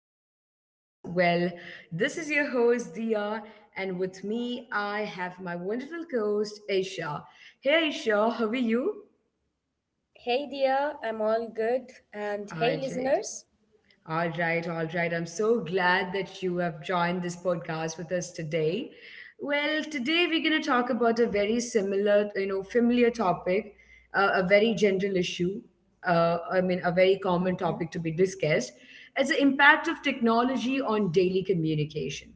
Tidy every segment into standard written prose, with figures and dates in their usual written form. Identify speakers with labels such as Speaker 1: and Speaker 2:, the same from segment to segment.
Speaker 1: podcast. This is your host Dia, and with me I have my wonderful co-host Aisha. Hey Aisha, how are you?
Speaker 2: Hey dear, I'm all good. And
Speaker 1: All
Speaker 2: hey
Speaker 1: right.
Speaker 2: listeners.
Speaker 1: All right. I'm so glad that you have joined this podcast with us today. Well, today we're going to talk about a very familiar topic, a very general issue. A very common topic to be discussed. It's the impact of technology on daily communication,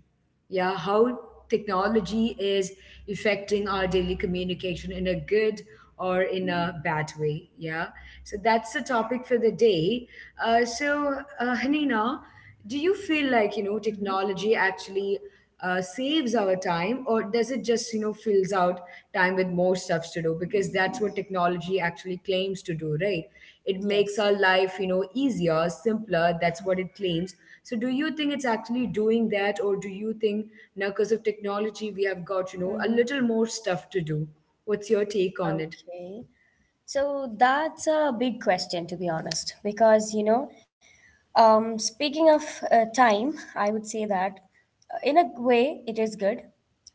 Speaker 1: yeah, how technology is affecting our daily communication in a good or in a bad way. Yeah. So that's the topic for the day. Hanina, do you feel like, you know, technology actually saves our time or does it just, you know, fills out time with more stuff to do? Because that's what technology actually claims to do, right? It makes our
Speaker 2: Yes.
Speaker 1: life, you know, easier, simpler. That's what it claims. So do you think it's actually doing that, or do you think now because of technology we have got, you know, a
Speaker 2: Mhm.
Speaker 1: little more stuff to do? What's your take on it?
Speaker 2: Okay. So that's a big question, to be honest, speaking of time, I would say that in a way it is good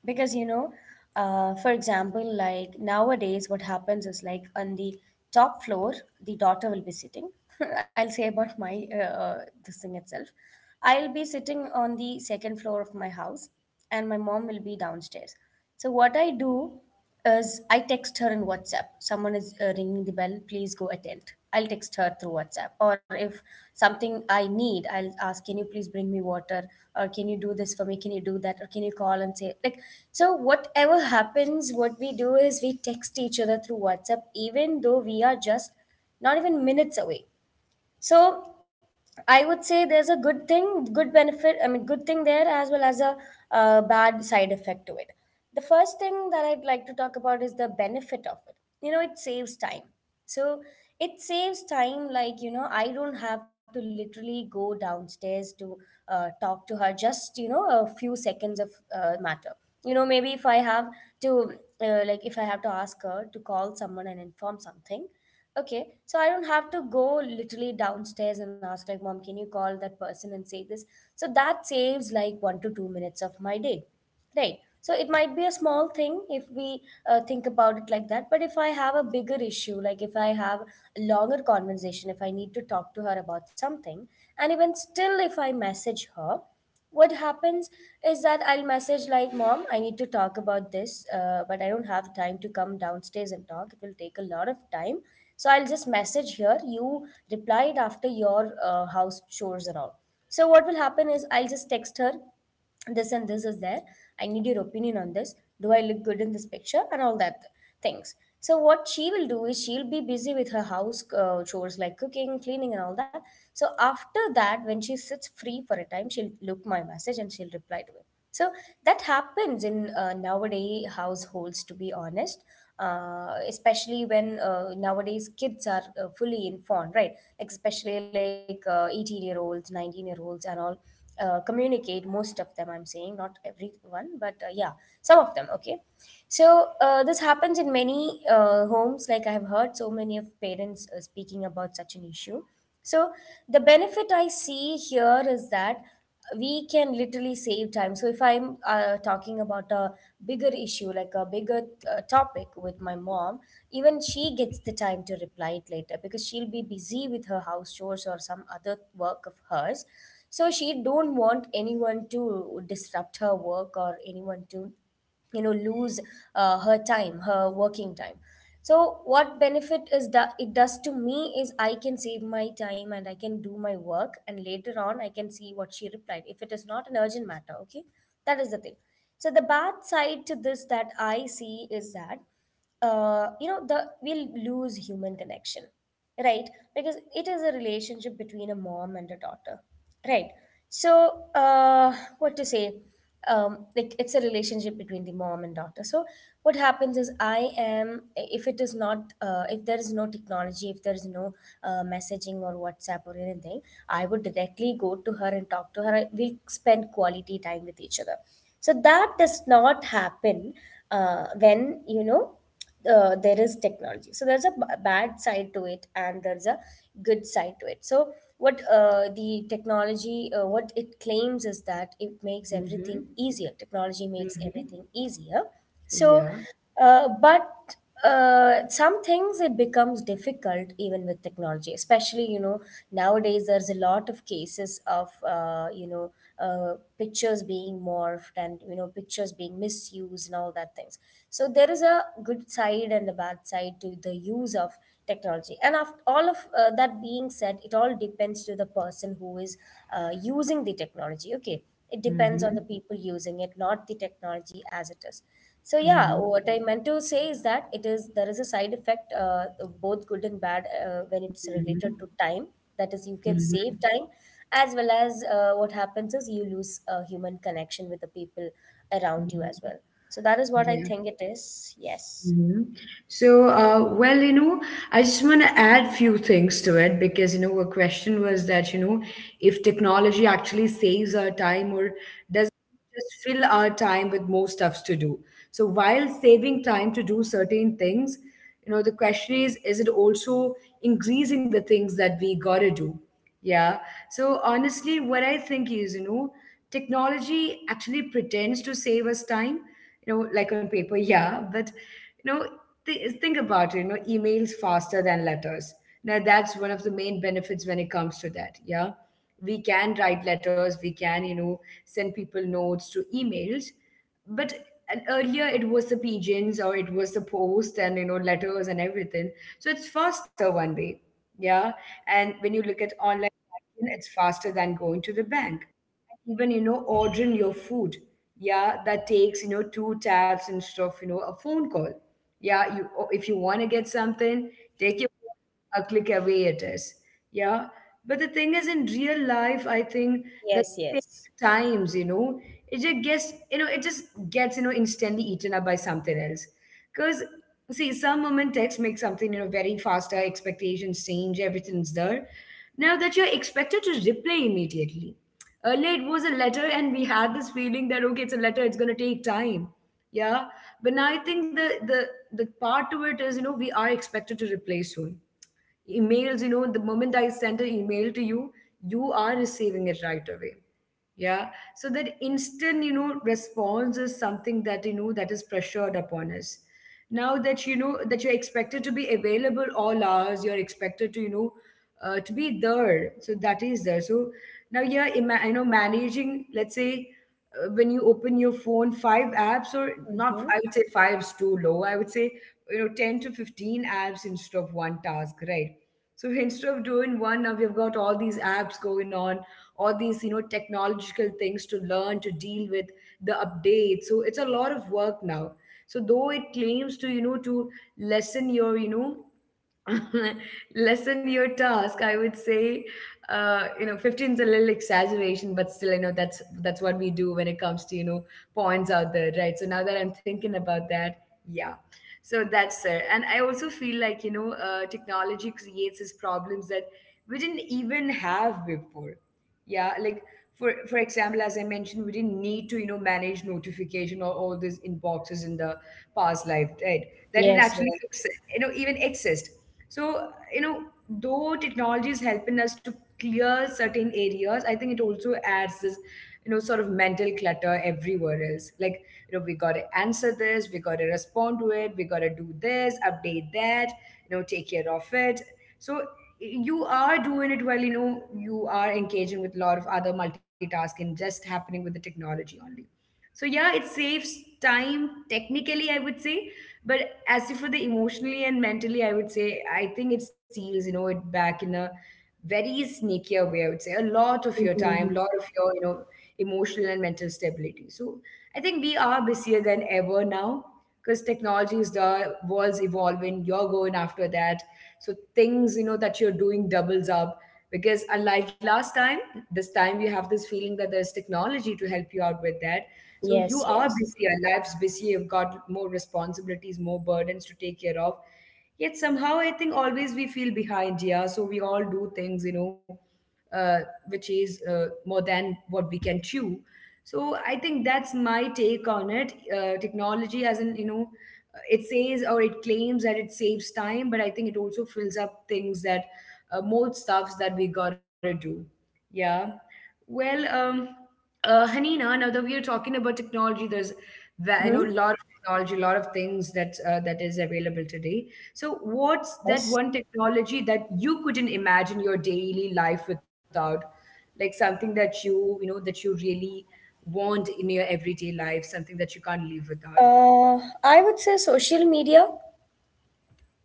Speaker 2: because you know, for example, like nowadays, what happens is like on the top floor, the daughter will be sitting. I'll say about my this thing itself. I'll be sitting on the second floor of my house, and my mom will be downstairs. So what I do as I text her in WhatsApp, someone is ringing the bell. Please go attend. I'll text her through WhatsApp, or if something I need, I'll ask, "Can you please bring me water?" or "Can you do this for me?" "Can you do that?" or "Can you call and say like?" So whatever happens, what we do is we text each other through WhatsApp, even though we are just not even minutes away. So I would say there's a good thing, good benefit, I mean, good thing there as well as a bad side effect to it. The first thing that I'd like to talk about is the benefit of it. You know, it saves time. So it saves time, like, you know, I don't have to literally go downstairs to talk to her, just, you know, a few seconds of matter. You know, maybe if I have to, like, if I have to ask her to call someone and inform something, okay, so I don't have to go literally downstairs and ask like, "Mom, can you call that person and say this?" So that saves like 1 to 2 minutes of my day, right? So it might be a small thing if we think about it like that, but if I have a bigger issue, like if I have a longer conversation, if I need to talk to her about something, and even still, if I message her, what happens is that I'll message like, "Mom, I need to talk about this, but I don't have time to come downstairs and talk. It will take a lot of time." So I'll just message here. You replied after your house chores and all. So what will happen is I'll just text her this, and this is there, I need your opinion on this, do I look good in this picture and all that things. So what she will do is she'll be busy with her house chores like cooking, cleaning, and all that. So after that, when she sits free for a time, she'll look my message and she'll reply to it. So that happens in nowadays households, to be honest, especially when nowadays kids are fully informed, right? Like especially like 18-year-olds, 19-year-olds, and all communicate. Most of them, I'm saying, not everyone, but yeah, some of them. Okay, so this happens in many homes. Like I have heard so many of parents speaking about such an issue. So the benefit I see here is that we can literally save time. So if I'm talking about a bigger issue, like a bigger topic with my mom, even she gets the time to reply it later because she'll be busy with her house chores or some other work of hers. So she don't want anyone to disrupt her work or anyone to, you know, lose her time, her working time. So what benefit is that it does to me is I can save my time and I can do my work, and later on I can see what she replied if it is not an urgent matter. Okay, that is the thing. So the bad side to this that I see is that, you know the we'll lose human connection, right? Because it is a relationship between a mom and a daughter, right? So what to say, like it's a relationship between the mom and daughter. So what happens is I am if it is not if there is no technology, if there is no messaging or WhatsApp or anything, I would directly go to her and talk to her, we'll spend quality time with each other. So that does not happen when, you know, there is technology. So there's a bad side to it and there's a good side to it. So what the technology what it claims is that it makes
Speaker 1: Mm-hmm.
Speaker 2: everything easier, technology makes
Speaker 1: Mm-hmm.
Speaker 2: everything easier. So
Speaker 1: Yeah.
Speaker 2: but some things it becomes difficult even with technology, especially you know, nowadays there's a lot of cases of pictures being morphed and you know, pictures being misused and all that things. So there is a good side and a bad side to the use of technology, and after all of that being said, it all depends to the person who is using the technology. Okay, it depends on
Speaker 1: Mm-hmm.
Speaker 2: the people using it, not the technology as it is. So yeah,
Speaker 1: Mm-hmm.
Speaker 2: what I meant to say is that it is there is a side effect, both good and bad, when it's related to time. That is, you can
Speaker 1: Mm-hmm.
Speaker 2: save time, as well as what happens is you lose a human connection with the people around you
Speaker 1: Mm-hmm.
Speaker 2: as well. So that is what I
Speaker 1: Yeah.
Speaker 2: think it is. Yes.
Speaker 1: Mhm. So, you know, I just want to add few things to it, because, you know, a question was that, you know, if technology actually saves our time or does just fill our time with more stuffs to do. So, while saving time to do certain things, you know, the question is it also increasing the things that we gotta do? Yeah. So honestly, what I think is, you know, technology actually pretends to save us time, you know, like on paper. Yeah, but, you know, think about it. You know, emails faster than letters. Now that's one of the main benefits when it comes to that. Yeah, we can write letters, we can, you know, send people notes to emails, but, and earlier it was the pigeons or it was the post and, you know, letters and everything. So it's faster one way, yeah. And when you look at online banking, it's faster than going to the bank. Even, you know, ordering your food, yeah, that takes, you know, two taps instead of, you know, a phone call. Yeah, you, or if you want to get something, take your phone, a click away it is, yeah. But the thing is, in real life I think that
Speaker 2: Yes.
Speaker 1: same
Speaker 2: Yes.
Speaker 1: times you know, it just gets, you know, instantly eaten up by something else. Because, see, some women text make something, you know, very faster. Expectations change. Everything's there. Now that you're expected to reply immediately. Earlier it was a letter, and we had this feeling that okay, it's a letter, it's gonna take time. Yeah, but now I think the part to it is, you know, we are expected to reply soon. Emails, you know, the moment I send an email to you, you are receiving it right away. Yeah, so that instant, you know, response is something that, you know, that is pressured upon us. Now that, you know, that you're expected to be available all hours, you're expected to, you know, to be there. So that is there. So now you're you know, managing, let's say, when you open your phone, five apps, or not,
Speaker 2: Mm-hmm.
Speaker 1: I would say five is too low. I would say, you know, 10 to 15 apps instead of one task, right? So instead of doing one, now we've got all these apps going on, all these, you know, technological things to learn, to deal with, the updates. So it's a lot of work now. So though it claims to, you know, to lessen your, you know, lessen your task, I would say, you know, 15 is a little exaggeration, but still, you know, that's what we do when it comes to, you know, points out there, right? So now that I'm thinking about that, yeah. So that's it. And I also feel like, you know, technology creates these problems that we didn't even have before. Yeah, like for example, as I mentioned, we didn't need to, you know, manage notification or all these inboxes in the past life, right? That it
Speaker 2: Yes. Yeah.
Speaker 1: actually you know, even exist. So, you know, though technology is helping us to clear certain areas, I think it also adds this, you know, sort of mental clutter everywhere else. Like, you know, we got to answer this, we got to respond to it, we got to do this update that, you know, take care of it. So you are doing it while, you know, you are engaging with a lot of other multitasking just happening with the technology only. So yeah, it saves time technically, I would say. But as if for the emotionally and mentally, I would say, I think it steals, you know, it back in a very sneakier way, I would say, a lot of your time, a lot of your, you know, emotional and mental stability. So I think we are busier than ever now, because technology is, the world's evolving, you're going after that. So things, you know, that you're doing doubles up, because unlike last time, this time you have this feeling that there's technology to help you out with that. So you
Speaker 2: Yes.
Speaker 1: are
Speaker 2: Yes.
Speaker 1: busy, our life's busy, you've got more responsibilities, more burdens to take care of, yet somehow I think always we feel behind. Yeah, so we all do things, you know, uh, which is more than what we can chew. So I think that's my take on it. Technology has an, you know, it says or it claims that it saves time, but I think it also fills up things that, more stuffs that we gotta do. Yeah. Well, um, Hanina, now that we are talking about technology, there's I know a
Speaker 2: Mm-hmm.
Speaker 1: lot of technology, a lot of things that that is available today. So, what's that one
Speaker 2: Yes.
Speaker 1: technology that you couldn't imagine your daily life without? Like something that you know, that you really want in your everyday life, something that you can't live without.
Speaker 2: I would say social media.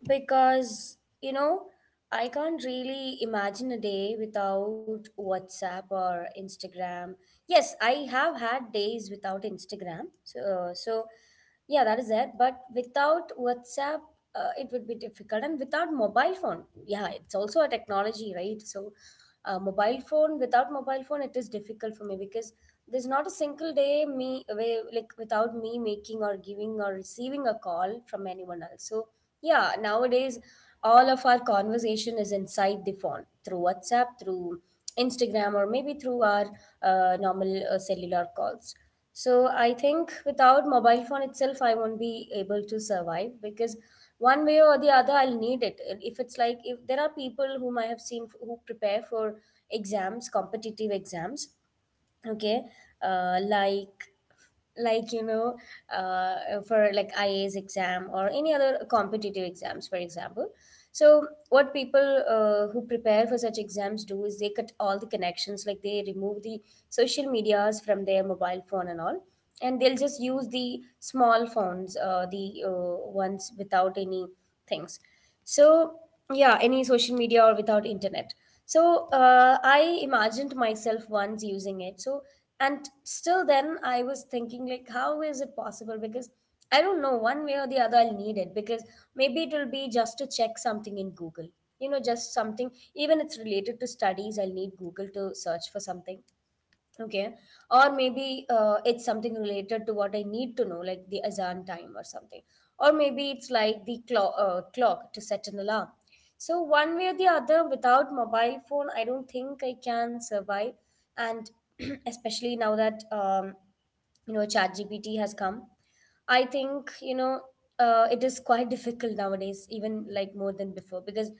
Speaker 2: Because, you know, I can't really imagine a day without WhatsApp or Instagram. Yes, I have had days without Instagram. So, yeah, that is there. But without WhatsApp, it would be difficult. And without mobile phone, yeah, it's also a technology, right? So, mobile phone, without mobile phone, it is difficult for me because there's not a single day me, like, without me making or giving or receiving a call from anyone else. So, yeah, nowadays all of our conversation is inside the phone through WhatsApp, through Instagram, or maybe through our normal cellular calls. So I think without mobile phone itself, I won't be able to survive because one way or the other, I'll need it. If it's like if there are people whom I have seen who prepare for exams, competitive exams, okay, uh, like like you know for like IAS exam or any other competitive exams, for example. So what people who prepare for such exams do is they cut all the connections, like they remove the social medias from their mobile phone and all, and they'll just use the small phones, the ones without any things. So yeah, any social media or without internet. So I imagined myself once using it. So and still then I was thinking like how is it possible, because I don't know, one way or the other I'll need it, because maybe it will be just to check something in Google, you know, just something even it's related to studies, I'll need Google to search for something. Okay. Or maybe it's something related to what I need to know, like the azan time or something. Or maybe it's like the clock, clock to set an alarm. So, one way or the other, without mobile phone, I don't think I can survive. And especially now that, you know, ChatGPT has come, I think you know, it is quite difficult nowadays, even like more than before, because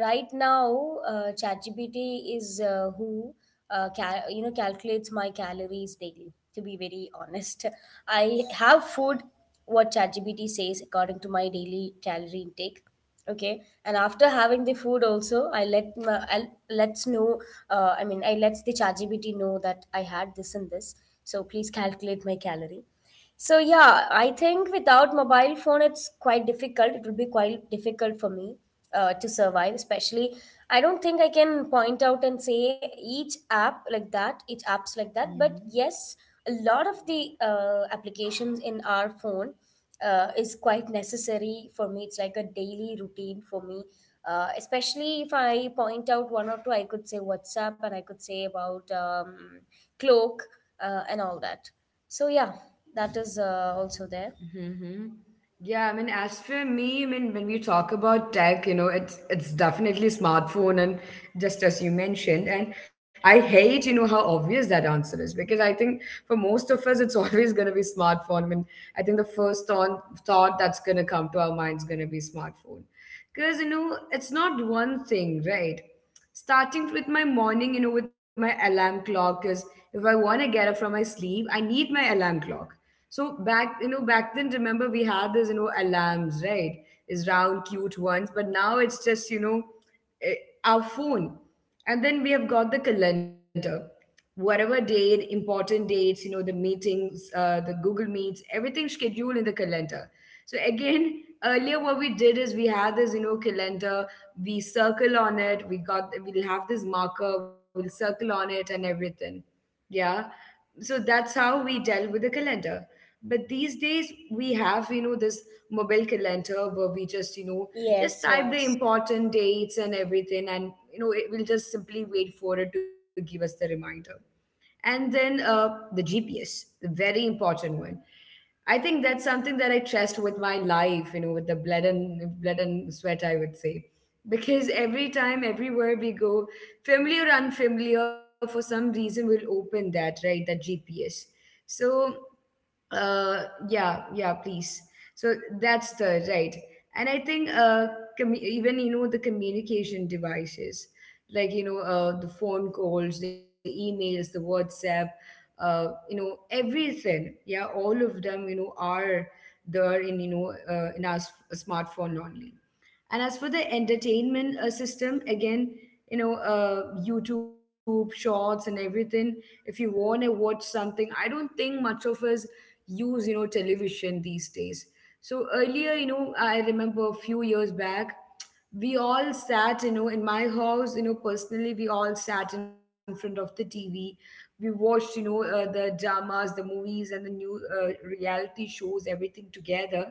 Speaker 2: right now ChatGPT is you know, calculates my calories daily. To be very honest, I have food what ChatGPT says according to my daily calorie intake. Okay, and after having the food, also I let my, I let's know. I mean, I lets the ChatGPT know that I had this and this. So please calculate my calorie. So yeah, I think without mobile phone, it's quite difficult. It will be quite difficult for me to survive. Especially, I don't think I can point out and say each app like that, each apps like that. But
Speaker 1: Mhm.
Speaker 2: yes, a lot of the applications in our phone is quite necessary for me. It's like a daily routine for me. Especially if I point out one or two, I could say WhatsApp and I could say about Cloak and all that. So yeah, that is also there.
Speaker 1: Mm-hmm. Yeah, I mean, as for me, I mean, when we talk about tech, you know, it's definitely smartphone, and just as you mentioned, and I hate, you know, how obvious that answer is, because I think for most of us, it's always gonna be smartphone. I mean, I think the first thought that's gonna come to our mind is gonna be smartphone, because, you know, it's not one thing, right? Starting with my morning, you know, with my alarm clock, because if I want to get up from my sleep, I need my alarm clock. So back, you know, back then, remember we had this, you know, alarms, right? Is round, cute ones, but now it's just, you know, eh, our phone. And then we have got the calendar. Whatever date, important dates, you know, the meetings, the Google Meets, everything scheduled in the calendar. So again, earlier what we did is we had this, you know, calendar. We circle on it. We got, we'll have this marker, we'll circle on it and everything. Yeah. So that's how we dealt with the calendar. But these days we have, you know, this mobile calendar where we just, you know, just
Speaker 2: Yes,
Speaker 1: type the
Speaker 2: yes.
Speaker 1: important dates and everything, and you know, it will just simply wait for it to give us the reminder. And then the GPS, the very important one. I think that's something that I trust with my life, you know, with the blood and blood and sweat, I would say. Because every time, everywhere we go, familiar or unfamiliar, for some reason we'll open that, right? That GPS. So uh, yeah, yeah, please. So that's the right. And I think uh, even you know the communication devices, like, you know, the phone calls, the emails, the WhatsApp, you know, everything, yeah, all of them, you know, are there in, you know, in our smartphone only. And as for the entertainment system, again, you know, YouTube shorts and everything. If you want to watch something, I don't think much of us use, you know, television these days. So earlier, you know, I remember a few years back, we all sat, you know, in my house, you know, personally, we all sat in front of the TV. We watched, you know, the dramas, the movies, and the new reality shows, everything together,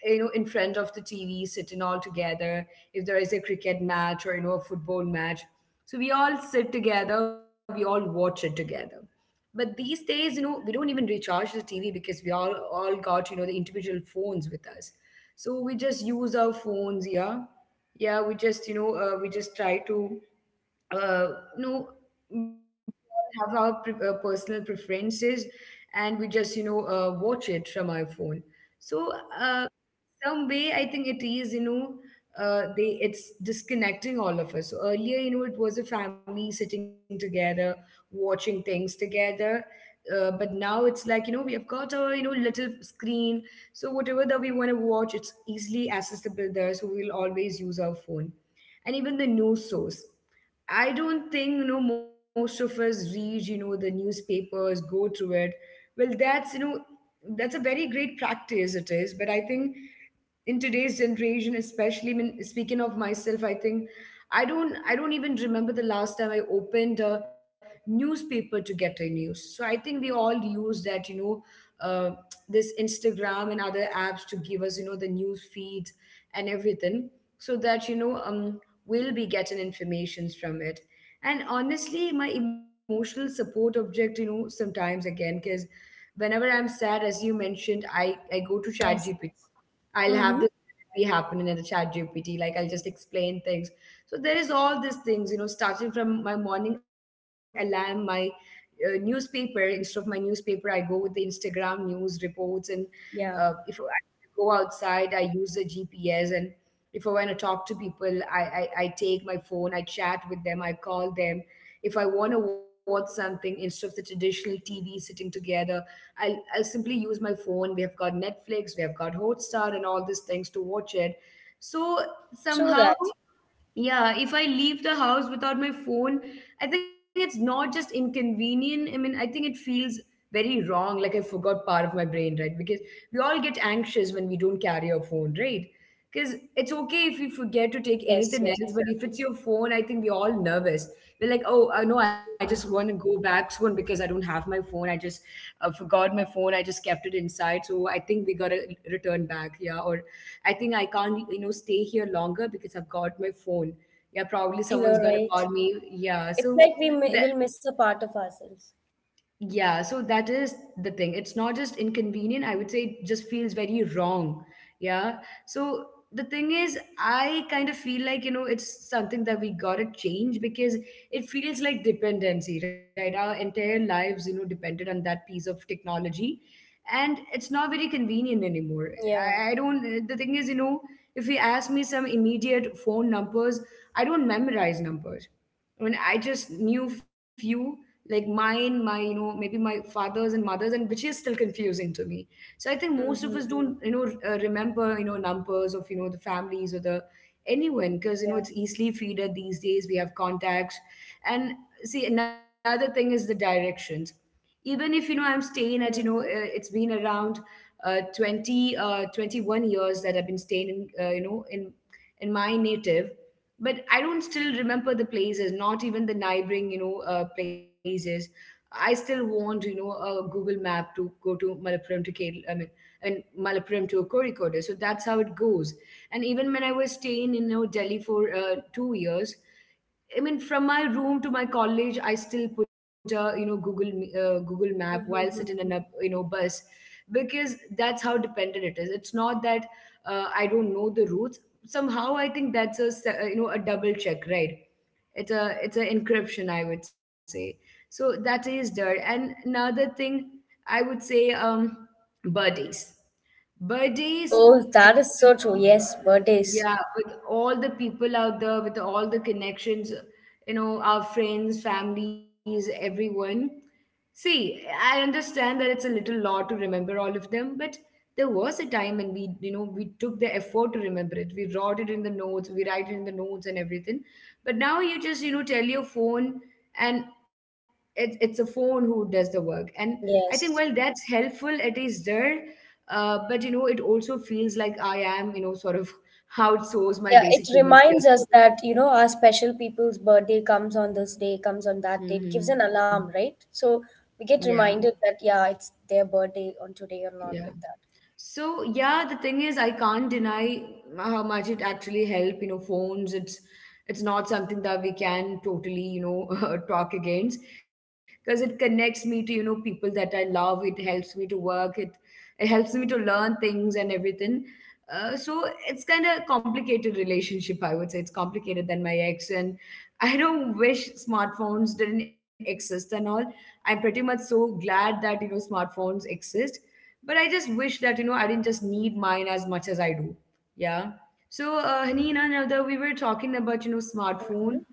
Speaker 1: you know, in front of the TV, sitting all together. If there is a cricket match or, you know, a football match. So we all sit together, we all watch it together. But these days, we don't even recharge the TV because we all got, the individual phones with us. So we just use our phones, yeah. Yeah, we just try to uh, you know, we all have our personal preferences, and we just, you know, watch it from our phone. So, uh, some way I think it is you know they it's disconnecting all of us. So earlier, you know, it was a family sitting together watching things together. But now it's like, you know, we have got a, you know, little screen, so whatever that we want to watch, it's easily accessible there, so we'll always use our phone. And even the news source, I don't think, you know, most of us read, you know, the newspapers, go through it. Well, that's, you know, that's a very great practice it is, but I think in today's generation, especially, I mean, speaking of myself, I think I don't even remember the last time I opened a newspaper to get a news. So I think we all use that, uh, this Instagram and other apps to give us, you know, the news feeds and everything. So that, we'll be getting informations from it. And honestly, my emotional support object, you know, sometimes again, because whenever I'm sad, as you mentioned, I go to ChatGPT.
Speaker 2: Yes. Yes.
Speaker 1: I'll have this
Speaker 2: Mm-hmm.
Speaker 1: be happening in the chat GPT. Like I'll just explain things. So there is all these things, you know, starting from my morning alarm, my newspaper. Instead of my newspaper, I go with the Instagram news reports, and if I
Speaker 2: Yeah.
Speaker 1: go outside, I use the GPS. And if I want to talk to people, I take my phone, I chat with them, I call them. If I want to watch something instead of the traditional TV sitting together, I'll simply use my phone. We have got Netflix, we have got Hotstar, and all these things to watch it. So
Speaker 2: True
Speaker 1: somehow,
Speaker 2: that.
Speaker 1: yeah, if I leave the house without my phone, I think it's not just inconvenient. I mean, I think it feels very wrong, like I forgot part of my brain, right? Because we all get anxious when we don't carry our phone, right? Because it's okay if we forget to take
Speaker 2: Yes.
Speaker 1: anything
Speaker 2: Yes.
Speaker 1: else, but if
Speaker 2: Exactly.
Speaker 1: it's your phone, I think we're all nervous. We're like, oh, no, I just want to go back soon because I don't have my phone. I just forgot my phone. I just kept it inside. So I think we got to return back. Yeah. Or I think I can't, you know, stay here longer because I've got my phone. Yeah, probably
Speaker 2: I know,
Speaker 1: someone's gonna
Speaker 2: right?
Speaker 1: call me. Yeah,
Speaker 2: It's
Speaker 1: so
Speaker 2: like we will miss a part of ourselves.
Speaker 1: yeah, so that is the thing. It's not just inconvenient, I would say it just feels very wrong. Yeah. So the thing is, I kind of feel like, you know, it's something that we gotta change because it feels like dependency, right? Our entire lives, you know, depended on that piece of technology. And it's not very convenient anymore.
Speaker 2: Yeah.
Speaker 1: I don't, the thing is, you know, if you ask me some immediate phone numbers, I don't memorize numbers. I mean, I just knew few, like mine, my, you know, maybe my fathers and mothers, and which is still confusing to me. So I think most of us don't,
Speaker 2: Mm-hmm.
Speaker 1: remember, you know, numbers of, you know, the families or the anyone, because, you
Speaker 2: Yeah.
Speaker 1: know, it's easily feeded these days. We have contacts. And see, another thing is the directions. Even if, you know, I'm staying at,
Speaker 2: Mm-hmm.
Speaker 1: it's been around 20, 21 years that I've been staying in, you know, in my native, but I don't still remember the places, not even the neighboring, places. I still want, you know, a Google map to go to Malappuram to Kerala, I mean, and Malappuram to Kozhikode. So that's how it goes. And even when I was staying in, you know, Delhi for 2 years, I mean, from my room to my college, I still put a, you know, Google Google map while sitting in a,
Speaker 2: Mm-hmm.
Speaker 1: you know, bus, because that's how dependent it is. It's not that I don't know the routes. Somehow I think that's a you know, a double check, right? It's an encryption, I would say. So that is there. And another thing I would say, birthdays. Birthdays.
Speaker 2: Oh, that is so true. Yes, birthdays.
Speaker 1: Yeah, with all the people out there, with all the connections, you know, our friends, families, everyone. See, I understand that it's a little lot to remember all of them, but there was a time when we, you know, we took the effort to remember it. We wrote it in the notes, we write it in the notes and everything. But now you just, you know, tell your phone, and it's a phone who does the work. And I think, well,
Speaker 2: Yes.
Speaker 1: that's helpful. It is there. But you know, it also feels like I am, you know, sort of outsource my
Speaker 2: Yeah, it
Speaker 1: basic human
Speaker 2: reminds
Speaker 1: skills to
Speaker 2: us
Speaker 1: others.
Speaker 2: that, you know, our special people's birthday comes on this day, comes on that day. It gives an
Speaker 1: Hmm.
Speaker 2: alarm, right? So we
Speaker 1: Yeah,
Speaker 2: get reminded that, yeah, it's their birthday on today or
Speaker 1: yeah.
Speaker 2: not, like that.
Speaker 1: So yeah, the thing is, I can't deny how much it actually helped. You know, phones. It's not something that we can totally, you know, talk against, because it connects me to, you know, people that I love. It helps me to work. It helps me to learn things and everything. So it's kind of complicated relationship. I would say it's complicated than my ex, and I don't wish smartphones didn't exist and all. I'm pretty much so glad that, you know, smartphones exist, but I just wish that, you know, I didn't just need mine as much as I do. Yeah. So Haneen, another, we were talking about, you know, smartphone,
Speaker 2: Mhm.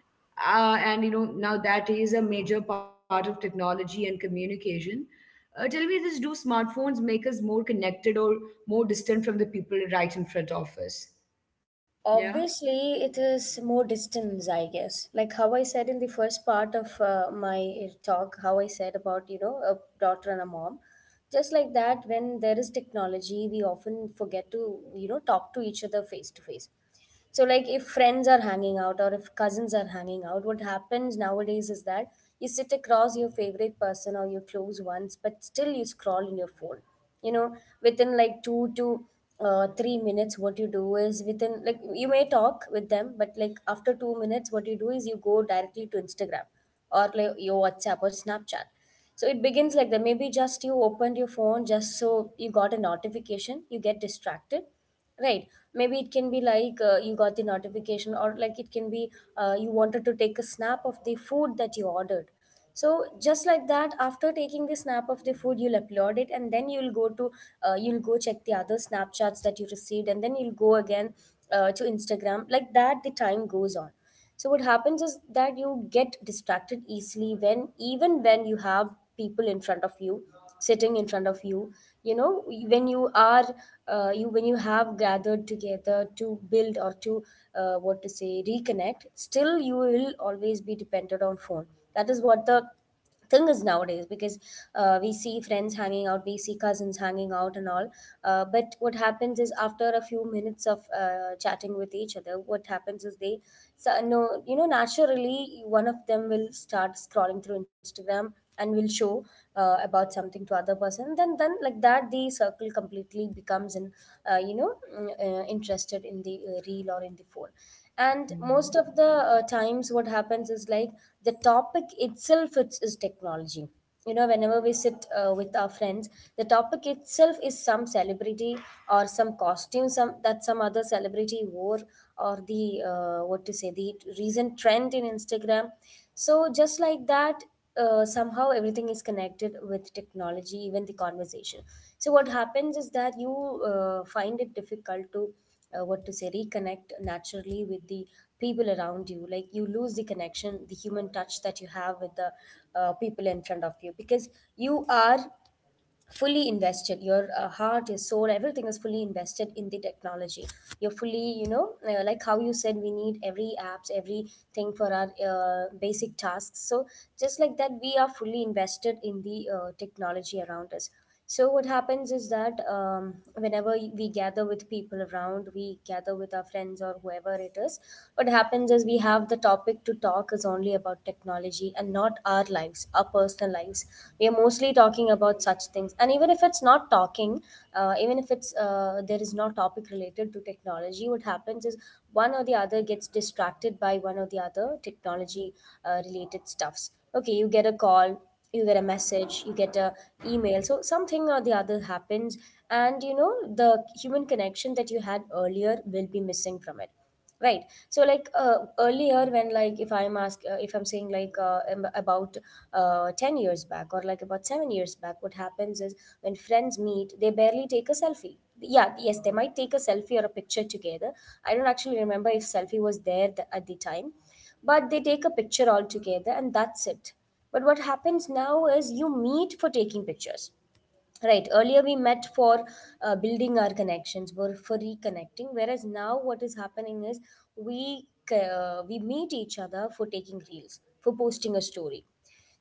Speaker 1: and you know, now that is a major part of technology and communication. Tell me this, do smartphones make us more connected or more distant from the people right in front of us? Yeah.
Speaker 2: Obviously, it is more distance, I guess. Like how I said in the first part of my talk, how I said about, you know, a daughter and a mom. Just like that, when there is technology, we often forget to, you know, talk to each other face to face. So, like if friends are hanging out or if cousins are hanging out, what happens nowadays is that you sit across your favorite person or your close ones, but still you scroll in your phone. You know, within like two to three minutes, what you do is within like you may talk with them, but like after 2 minutes, what you do is you go directly to Instagram or like your WhatsApp or Snapchat. So it begins like that. Maybe just you opened your phone just so you got a notification, you get distracted. Right. Maybe it can be like you got the notification, or like it can be you wanted to take a snap of the food that you ordered. So just like that, after taking the snap of the food, you'll upload it, and then you'll go check the other Snapchats that you received, and then you'll go again to Instagram. Like that, the time goes on, so what happens is that you get distracted easily when even when you have people in front of you, sitting in front of you, you know, when you are you when you have gathered together to build or to what to say reconnect, still you will always be dependent on phone. That is what the thing is nowadays because we see friends hanging out, we see cousins hanging out and all, but what happens is after a few minutes of chatting with each other, what happens is they so, no you know naturally one of them will start scrolling through Instagram and will show about something to other person, then like that the circle completely becomes an uh, you know interested in the reel or in the phone. And most of
Speaker 1: Hmm.
Speaker 2: the times what happens is like the topic itself is technology. You know, whenever we sit with our friends, the topic itself is some celebrity or some costume some that some other celebrity wore, or the what to say the recent trend in Instagram. So just like that, somehow everything is connected with technology, even the conversation. So what happens is that you find it difficult to what to say reconnect naturally with the people around you. Like you lose the connection, the human touch that you have with the people in front of you, because you are fully invested, your heart, your soul, everything is fully invested in the technology. You're fully, you know, like how you said, we need every apps everything for our basic tasks. So just like that, we are fully invested in the technology around us. So what happens is that whenever we gather with people around, we gather with our friends or whoever it is. What happens is we have the topic to talk is only about technology and not our lives, our personal lives. We are mostly talking about such things. And even if it's not talking, even if it's there is no topic related to technology, what happens is one or the other gets distracted by one or the other technology related stuffs. Okay, you get a call, you get a message, you get a email, so something or the other happens, and you know the human connection that you had earlier will be missing from it. Right, so like earlier when like if I'm ask if I'm saying like about 10 years back or like about 7 years back, what happens is when friends meet, they barely take a selfie. Yeah, yes, they might take a selfie or a picture together. I don't actually remember if selfie was there at the time, but they take a picture all together and that's it. But what happens now is you meet for taking pictures. Right, earlier we met for building our connections, for reconnecting, whereas now what is happening is we meet each other for taking reels, for posting a story.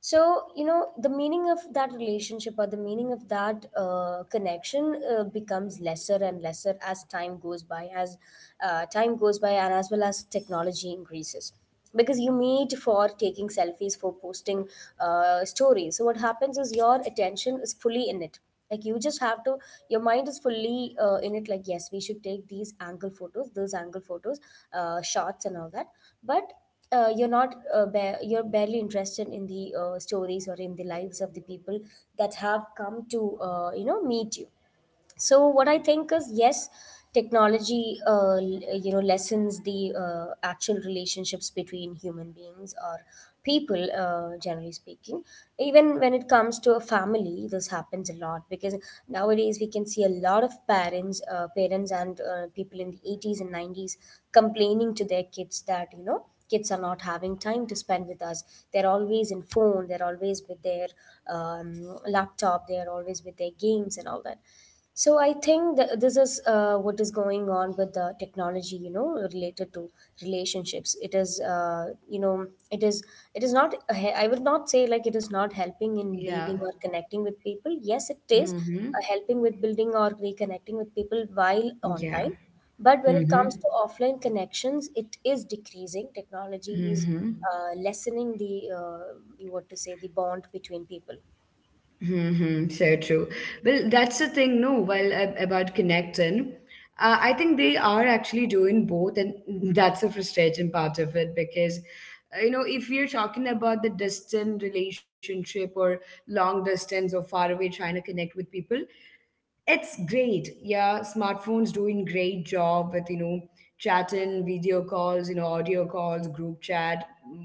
Speaker 2: So, you know, the meaning of that relationship or the meaning of that connection becomes lesser and lesser as time goes by, as time goes by, and as well as technology increases, because you meet for taking selfies, for posting stories. So what happens is your attention is fully in it. Like you just have to, your mind is fully in it. Like yes, we should take these angle photos, those angle photos, shots and all that. But you're not you're barely interested in the stories or in the lives of the people that have come to you know meet you. So what I think is yes, technology you know lessens the actual relationships between human beings or people, generally speaking. Even when it comes to a family, this happens a lot, because nowadays we can see a lot of parents and people in the 80s and 90s complaining to their kids that, you know, kids are not having time to spend with us. They're always in phone, they're always with their um, laptop, they're always with their games and all that. So I think that this is what is going on with the technology, you know, related to relationships. It is, you know, it is not. He- I would not say like it is not helping in building
Speaker 1: Yeah.
Speaker 2: or connecting with people. Yes, it is
Speaker 1: Hmm.
Speaker 2: helping with building or reconnecting with people while
Speaker 1: Yeah.
Speaker 2: online. But when it
Speaker 1: Hmm.
Speaker 2: comes to offline connections, it is decreasing. Technology is
Speaker 1: Hmm.
Speaker 2: lessening the, you what to say, the bond between people.
Speaker 1: Mm-hmm, so true. Well, that's the thing, no, while about connecting, I think they are actually doing both, and that's the frustrating part of it, because, you know, if you're talking about the distant relationship or long distance or far away trying to connect with people, it's great. Yeah, smartphones doing great job with, you know, chatting, video calls, you know, audio calls, group chat,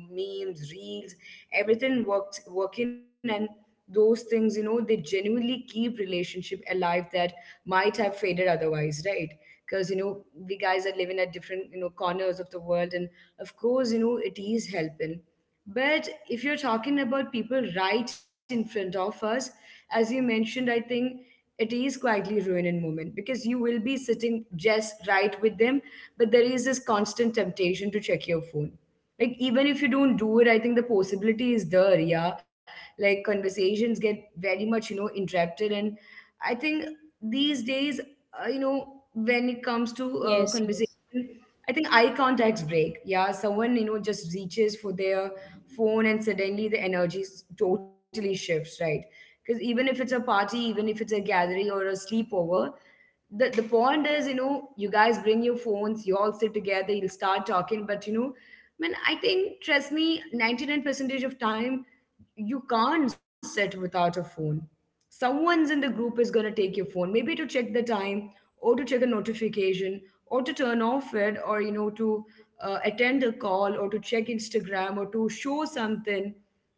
Speaker 1: memes, reels, everything worked working, and those things, you know, they genuinely keep relationship alive that might have faded otherwise, right? Because, you know, we guys are living at different, you know, corners of the world, and of course, you know, it is helping. But if you're talking about people right in front of us, as you mentioned, I think it is quietly ruining moment, because you will be sitting just right with them, but there is this constant temptation to check your phone. Like even if you don't do it, I think the possibility is there, yeah. Like conversations get very much, you know, interrupted, and I think these days, you know, when it comes to
Speaker 2: Yes,
Speaker 1: conversation,
Speaker 2: yes.
Speaker 1: I think eye contacts break. Yeah, someone, you know, just reaches for their phone, and suddenly the energy totally shifts, right? Because even if it's a party, even if it's a gathering or a sleepover, the point is, you know, you guys bring your phones, you all sit together, you'll start talking, but you know, man, I think, trust me, 99 percentage of time you can't sit without a phone. Someone's in the group is going to take your phone, maybe to check the time, or to check a notification, or to turn off it, or you know, to attend a call, or to check Instagram, or to show something.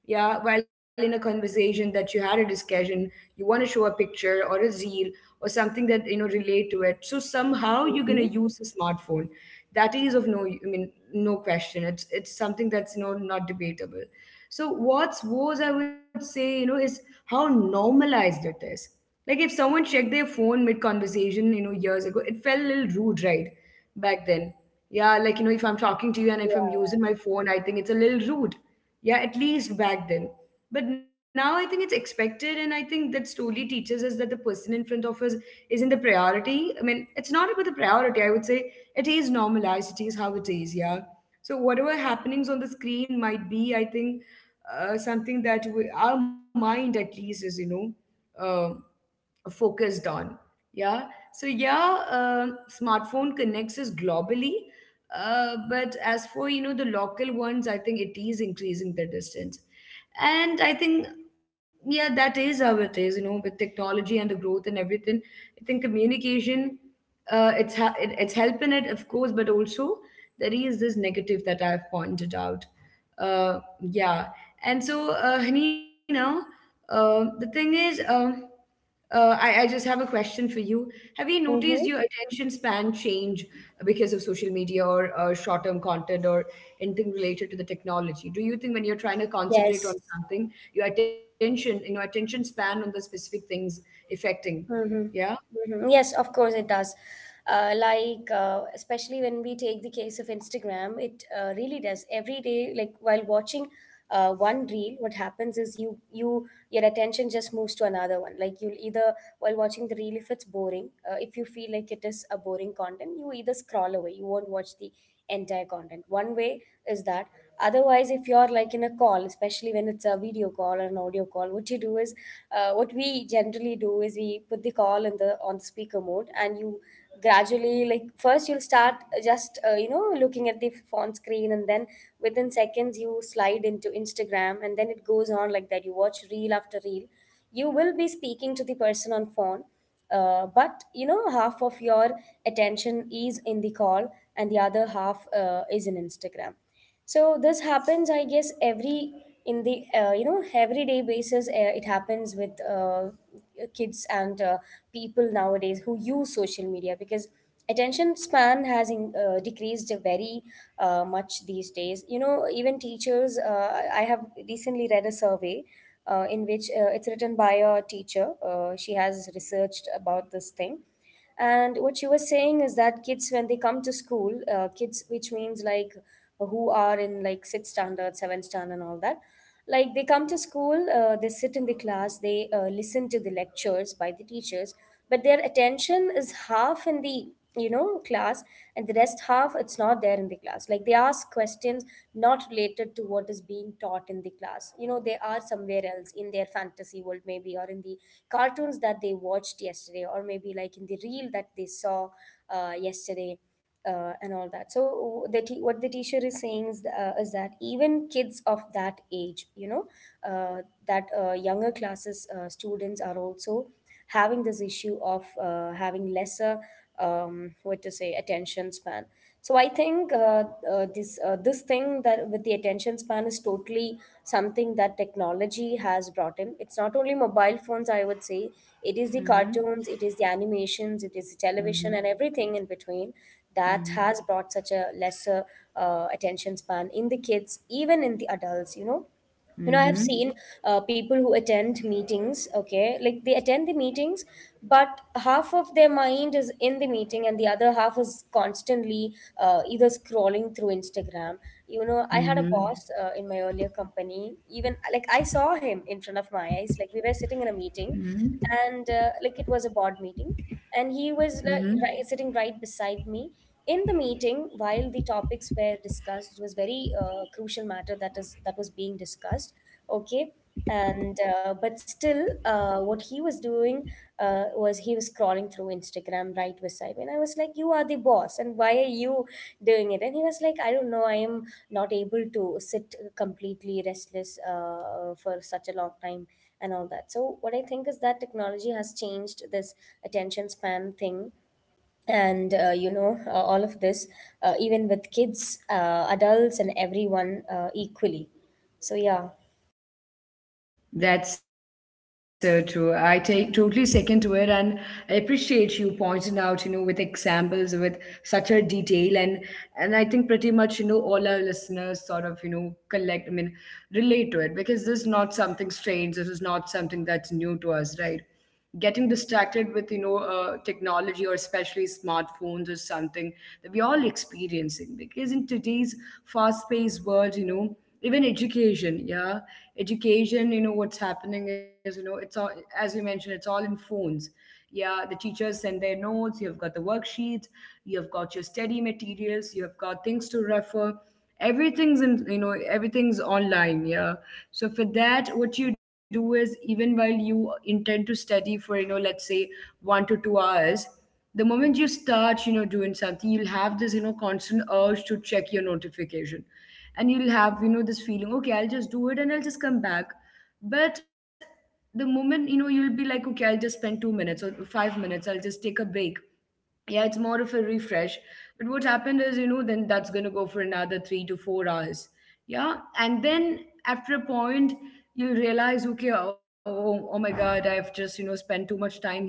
Speaker 1: Yeah, while in a conversation that you had a discussion, you want to show a picture or a reel or something that, you know, relate to it. So somehow you're going to
Speaker 2: Mm-hmm.
Speaker 1: use the smartphone. That is of no, I mean, no question, it's something that's, you know, not debatable. So what's worse, I would say, you know, is how normalized it is. Like if someone checked their phone mid conversation, you know, years ago it felt a little rude, right? Back then, yeah, like you know, if I'm talking to you and if I'm using my phone, I think it's a little rude. Yeah, at least back then. But now I think it's expected, and I think that slowly teaches us that the person in front of us isn't the priority. I mean, it's not about the priority, I would say. It is normalized, it is how it is. Yeah. So whatever happenings on the screen might be, I think something that our mind at least is um focused on. Yeah. So yeah, smartphone connects us globally. But as for the local ones, I think it is increasing the distance. And I think, yeah, that is how it is, you know, with technology and the growth and everything. I think communication, it's helping it of course, but also there is this negative that I've pointed out. uh, yeah. And so, Hanina, the thing is, I just have a question for you. Have you noticed
Speaker 2: Mm-hmm.
Speaker 1: your attention span change because of social media or short term content or anything related to the technology? Do you think when you're trying to concentrate on
Speaker 2: Yes.
Speaker 1: something, your attention, you know, attention span on the specific things affecting?
Speaker 2: Mm-hmm.
Speaker 1: Yeah.
Speaker 2: Mm-hmm. Yes, of course it does. Like, especially when we take the case of Instagram, it really does. Every day, like while watching one reel, what happens is you your attention just moves to another one. Like you'll either, while watching the reel, if it's boring, if you feel like it is a boring content, you either scroll away. You won't watch the entire content, one way is that. Otherwise, if you're like in a call, especially when it's a video call or an audio call, what you do is what we generally do is we put the call in the on speaker mode, and you gradually, like first you'll start just you know looking at the phone screen, and then within seconds you slide into Instagram, and then it goes on like that, you watch reel after reel. You will be speaking to the person on phone, but you know half of your attention is in the call and the other half is in Instagram. So this happens, I guess every in the you know everyday basis, it happens with kids and people nowadays who use social media, because attention span has decreased very much these days. You know, even teachers, I have recently read a survey in which it's written by a teacher. She has researched about this thing. And what she was saying is that kids, when they come to school, kids, which means like who are in like sixth standard, seventh standard, and all that, like they come to school, they sit in the class, they listen to the lectures by the teachers, but their attention is half in the, you know, class, and the rest half it's not there in the class. Like they ask questions not related to what is being taught in the class. You know, they are somewhere else in their fantasy world maybe, or in the cartoons that they watched yesterday, or maybe like in the reel that they saw yesterday and all that. So what the teacher is saying is that even kids of that age, you know, that younger classes students are also having this issue of having lesser what to say attention span. So I think this thing that with the attention span is totally something that technology has brought in. It's not only mobile phones, I would say. It is the cartoons, it is the animations, it is the television, and
Speaker 1: Mm-hmm.
Speaker 2: everything in between that has
Speaker 1: Mm-hmm.
Speaker 2: brought such a lesser attention span in the kids, even in the adults. You know, I have seen
Speaker 1: Mm-hmm.
Speaker 2: people who attend meetings, okay, like they attend the meetings, but half of their mind is in the meeting and the other half is constantly either scrolling through Instagram. You know, I had a boss in my earlier company. Even like I saw him in front of my eyes, like we were sitting in a meeting, and like it was a board meeting, and he was, like, right, sitting right beside me in the meeting while the topics were discussed. It was very crucial matter that was being discussed, okay. And but still what he was doing was he was scrolling through Instagram right beside me, and I was like, you are the boss and why are you doing it? And he was like, I don't know, I am not able to sit completely restless for such a long time and all that. So what I think is that technology has changed this attention span thing. And you know, all of this, even with kids, adults, and everyone equally. So yeah,
Speaker 1: That's so true. I take totally second to it, and I appreciate you pointing out, you know, with examples, with such a detail, and I think pretty much, you know, all our listeners sort of, you know, collect. I mean, relate to it because this is not something strange. This is not something that's new to us, right? Getting distracted with, you know, technology or especially smartphones or something that we're all experiencing because in today's fast-paced world, you know, even education. Yeah, education. You know, what's happening is, you know, it's all, as you mentioned, it's all in phones. Yeah, the teachers send their notes, you've got the worksheets, you've got your study materials, you've got things to refer. Everything's in, you know, everything's online. Yeah. So for that, what you do is, even while you intend to study for, you know, let's say 1 to 2 hours, the moment you start, you know, doing something, you'll have this, you know, constant urge to check your notification. And you'll have, you know, this feeling, okay, I'll just do it and I'll just come back. But the moment, you know, you'll be like, okay, I'll just spend 2 minutes or 5 minutes, I'll just take a break. Yeah, it's more of a refresh. But what happened is, you know, then that's going to go for another 3 to 4 hours. Yeah, and then after a point you realize, okay, oh my god, I've just, you know, spent too much time here.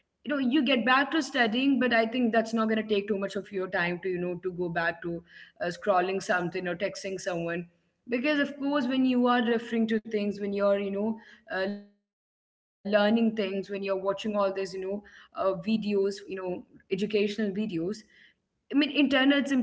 Speaker 1: You know, you get back to studying, but I think that's not going to take too much of your time to, you know, to go back to scrolling something or texting someone. Because of course, when you are referring to things, when you're, you know, learning things, when you're watching all these, you know, videos, you know, educational videos. I mean, internet's important,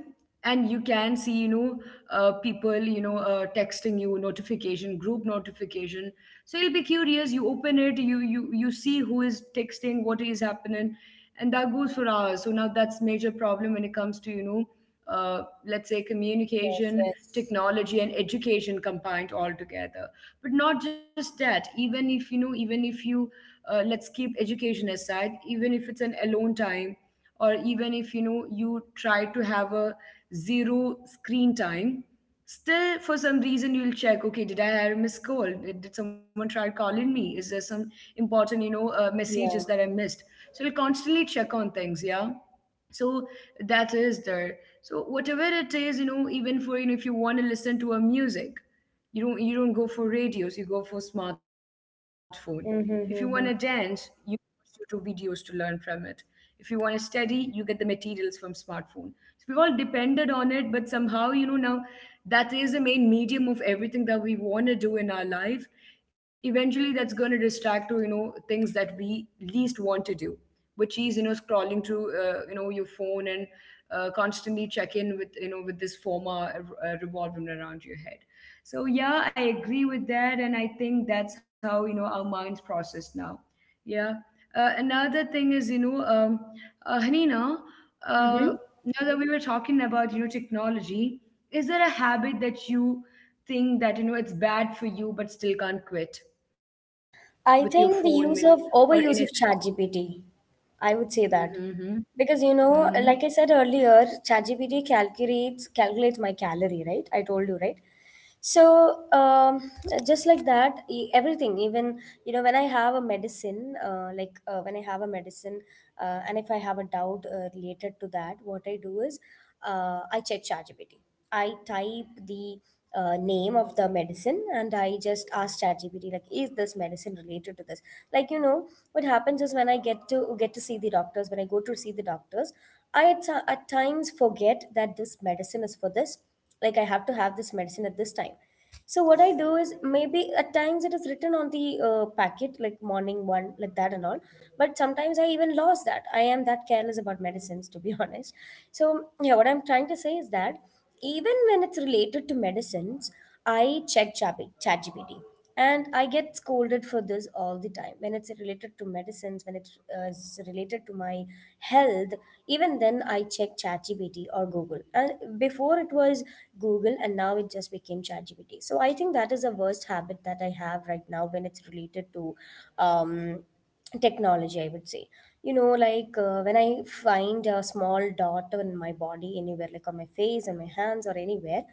Speaker 1: and you can see, you know, people, you know, texting you notification, group notification. So you'll be curious. You open it, you see who is texting, what is happening, and that goes for hours. So now that's major problem when it comes to, you know, let's say
Speaker 2: yes,
Speaker 1: communication,
Speaker 2: yes,
Speaker 1: technology, and education combined all together. But not just that. Even if, you know, even if you, let's keep education aside, even if it's an alone time, or even if, you know, you try to have a zero screen time, still for some reason you'll check, okay, did I have a missed call, did someone try calling me, is there some important, you know, messages that I
Speaker 2: yeah.
Speaker 1: missed. So you'll constantly check on things. Yeah. So that is there. So whatever it is, you know, even for, you know, if you want to listen to a music, you don't go for radios, you go for smartphone. If you want to
Speaker 2: Mm-hmm,
Speaker 1: dance,
Speaker 2: mm-hmm.
Speaker 1: you YouTube videos to learn from it. If you want to study, you get the materials from smartphone. So we've all depended on it, but somehow, you know, now that is the main medium of everything that we want to do in our life. Eventually, that's going to distract to, you know, things that we least want to do, which is, you know, scrolling through, you know, your phone and constantly check in with, you know, with this former revolving around your head. So yeah, I agree with that, and I think that's how, you know, our minds process now. Yeah. Another thing is, you know, Hanina, uh,
Speaker 2: Mm-hmm.
Speaker 1: now that we were talking about, you know, technology, is there a habit that you think that, you know, it's bad for you but still can't quit with your phone
Speaker 2: I
Speaker 1: and,
Speaker 2: think the
Speaker 1: or anything?
Speaker 2: use of overuse of ChatGPT, I would say that. Because, you
Speaker 1: Mm-hmm. Mm-hmm.
Speaker 2: know, like I said earlier, ChatGPT calculates my calorie, right? I told you, right? So just like that, everything. Even, you know, when I have a medicine, when I have a medicine, and if I have a doubt related to that, what I do is I check ChatGPT. I type the name of the medicine, and I just asked ChatGPT, like, is this medicine related to this? Like, you know what happens is, when I get to see the doctors, when I go to see the doctors, I at times forget that this medicine is for this. Like, I have to have this medicine at this time. So what I do is, maybe at times it is written on the packet, like morning one, like that and all. But sometimes I even lost that. I am that careless about medicines, to be honest. So yeah, what I'm trying to say is that even when it's related to medicines, I check ChatGPT, and I get scolded for this all the time, when it's related to medicines, when it's is related to my health. Even then I check ChatGPT or Google, and before it was Google, and now it just became ChatGPT. So I think that is the worst habit that I have right now when it's related to um, technology, I would say. You know, like, when I find a small dot on my body anywhere, like on my face, on my hands, or anywhere,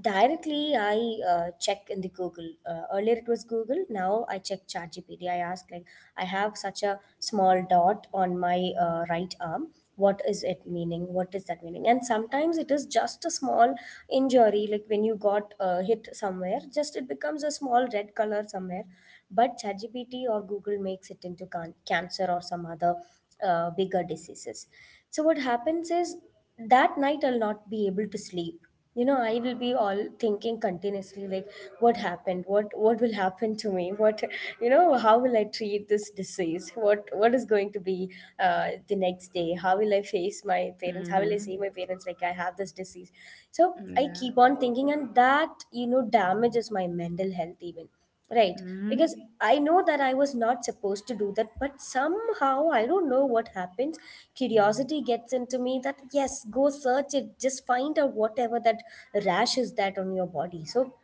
Speaker 2: directly, I check in the Google. Earlier, it was Google. Now, I check ChatGPT. I ask, like, I have such a small dot on my right arm. What is it meaning? What is that meaning? And sometimes it is just a small injury, like when you got hit somewhere. Just it becomes a small red color somewhere, but ChatGPT or Google makes it into cancer or some other bigger diseases. So what happens is, that night I'll not be able to sleep. You know, I will be all thinking continuously, like, what happened? What will happen to me? What, you know, how will I treat this disease? What is going to be the next day? How will I face my parents? How will I say
Speaker 1: Mm-hmm.
Speaker 2: my parents, like, I have this disease? So I
Speaker 1: Yeah.
Speaker 2: keep on thinking, and that, you know, damages my mental health even. Right, because
Speaker 1: Mm-hmm.
Speaker 2: I know that I was not supposed to do that, but somehow I don't know what happens. Curiosity gets into me that, yes, go search it, just find out whatever that rash is that on your body. So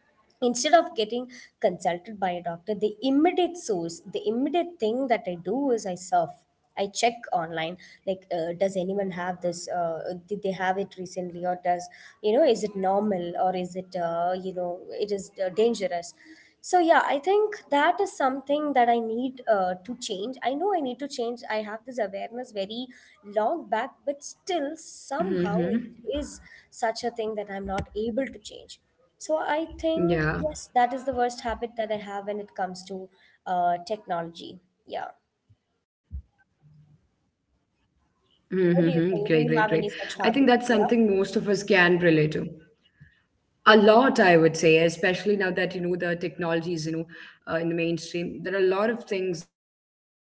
Speaker 2: instead of getting consulted by a doctor, the immediate source, the immediate thing that I do is I surf. I check online, like, does anyone have this? Did they have it recently? Or does, you know, is it normal, or is it, you know, it is dangerous? So yeah, I think that is something that I need to change. I know I need to change. I have this awareness very long back, but still
Speaker 1: Mm-hmm.
Speaker 2: somehow it is such a thing that I'm not able to change. So I
Speaker 1: Yeah.
Speaker 2: think, yes, that is the worst habit that I have when it comes to technology. Yeah.
Speaker 1: Mm-hmm. Great, great, great. I think that's something
Speaker 2: What
Speaker 1: most
Speaker 2: do
Speaker 1: of
Speaker 2: you
Speaker 1: us
Speaker 2: think? Do
Speaker 1: can
Speaker 2: you have
Speaker 1: relate
Speaker 2: any
Speaker 1: to.
Speaker 2: such habits as well?
Speaker 1: A lot, I would say, especially now that, you know, the technology is, you know, in the mainstream, there are a lot of things that, you know, that I regret doing, and something that,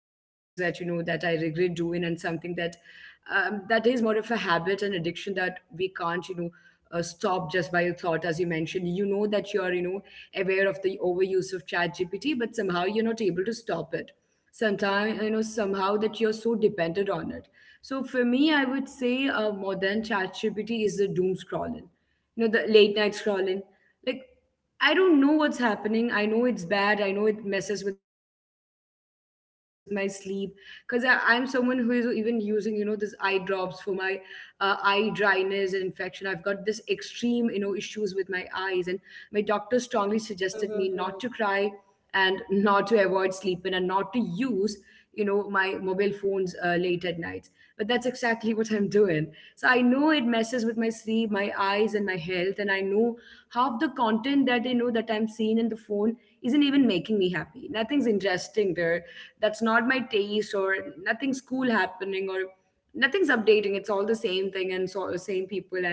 Speaker 1: that is more of a habit and addiction that we can't, you know, stop just by a thought. As you mentioned, you know, that you are, you know, aware of the overuse of chat gpt but somehow you're not able to stop it. Sometimes, you know, somehow that you're so dependent on it. So for me, I would say more than ChatGPT is the doom scrolling, you know, the late night scrolling. Like, I don't know what's happening. I know it's bad, I know it messes with my sleep, because I'm someone who is even using, you know, this eye drops for my eye dryness and infection. I've got this extreme, you know, issues with my eyes, and my doctor strongly suggested me not to cry and
Speaker 2: Mm-hmm.
Speaker 1: not to avoid sleeping and not to use, you know, my mobile phones late at night. But that's exactly what I'm doing. So I know it messes with my sleep, my eyes, and my health, and I know half the content that, you know, that I'm seeing in the phone isn't even making me happy. Nothing's interesting there, that's not my taste, or nothing's cool happening, or nothing's updating. It's all the same thing and so same people and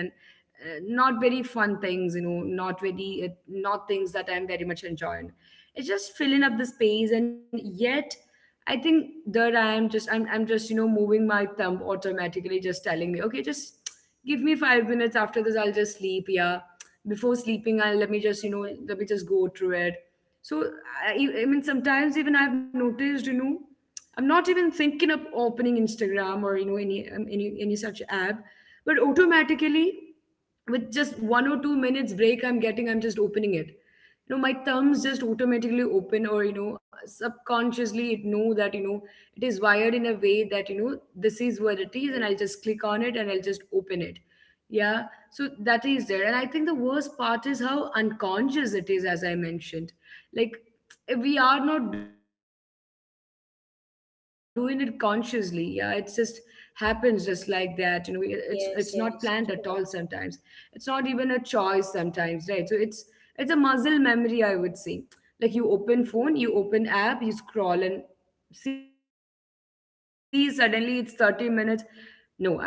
Speaker 1: not very fun things, you know, not very not things that I'm very much enjoying. It's just filling up the space, and yet I think there I am, just I'm just, you know, moving my thumb automatically, just telling me, okay, just give me 5 minutes, after this I'll just sleep. Yeah, before sleeping, I'll, let me just, you know, let me just go through it. So I mean sometimes even I've noticed, you know, I'm not even thinking of opening instagram or you know any such app, but automatically with just 1 or 2 minutes break, I'm getting, I'm just opening it, you know, my thumbs just automatically open, or, you know, subconsciously it know that, you know, it is wired in a way that, you know, this is what it is, and I'll just click on it and I'll just open it. Yeah. So that is there, and I think the worst part is how unconscious it is, as I mentioned. Like, we are not doing it consciously. Yeah, it just happens just like that, you know, we- it's not planned at all
Speaker 2: Yes,
Speaker 1: sometimes.
Speaker 2: yes, true
Speaker 1: It's not
Speaker 2: that.
Speaker 1: even a choice sometimes, right? So it's a muscle memory, I would say. Like, you open phone, you open app, you scroll, and see suddenly it's 30 minutes. No, I would say for me it's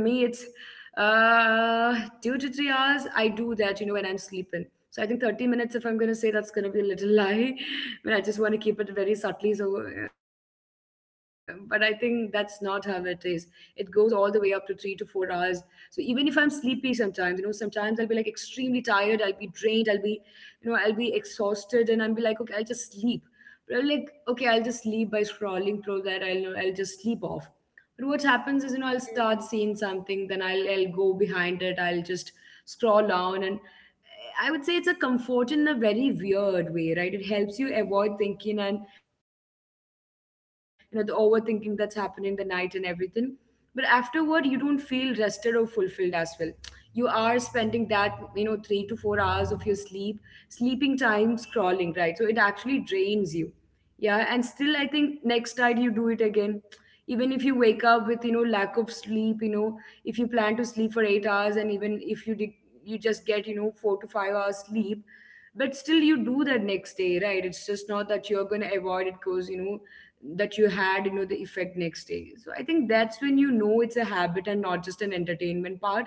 Speaker 1: 2 to 3 hours I do that, you know, when I'm sleeping. So I think 30 minutes, if I'm going to say that's going to be a little lie but I just want to keep it very subtly. So but I think that's not how it is. It goes all the way up to 3 to 4 hours. So even if I'm sleepy, sometimes, you know, sometimes I'll be like extremely tired, I'll be drained, I'll be, you know, I'll be exhausted, and I'll be like, okay, I'll just sleep. But I'm like, okay, I'll just sleep by scrolling through that. I'll just sleep off. But what happens is, you know, I'll start seeing something, then I'll go behind it. I'll just scroll down, and I would say it's a comfort in a very weird way, right? It helps you avoid thinking and, you know, the overthinking that's happening in the night and everything. But afterward, you don't feel rested or fulfilled as well. You are spending that, you know, 3 to 4 hours of your sleep, sleeping time scrolling, right? So it actually drains you. Yeah, and still I think next night you do it again, even if you wake up with lack of sleep. If you plan to sleep for 8 hours and even if you did, you just get 4 to 5 hours sleep, but still you do that next day, right? It's just not that you're going to avoid it because you know that you had the effect next day. So I think that's when it's a habit and not just an entertainment part.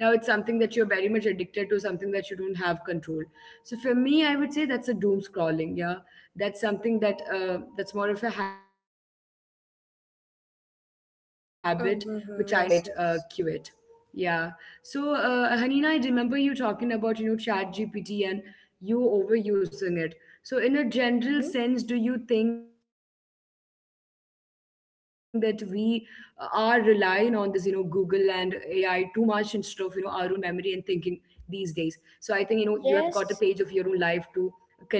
Speaker 1: Now it's something that you're very much addicted to, something that you don't have control. So for me, I would say that's a doom scrolling. Yeah, that's something that that's more of a habit, which I know is bad, but something that I don't think I can
Speaker 2: Mm-hmm. Yes,
Speaker 1: quite
Speaker 2: yes.
Speaker 1: quit. Yeah. So Hanina, I remember you talking about Chat GPT and you overusing it. So in a general
Speaker 2: Mm-hmm.
Speaker 1: sense, do you think that we are relying on this Google and AI too much instead of our own memory and thinking these days? So I think you have got a page of your own life to
Speaker 2: Yes,
Speaker 1: connect with it. Yeah.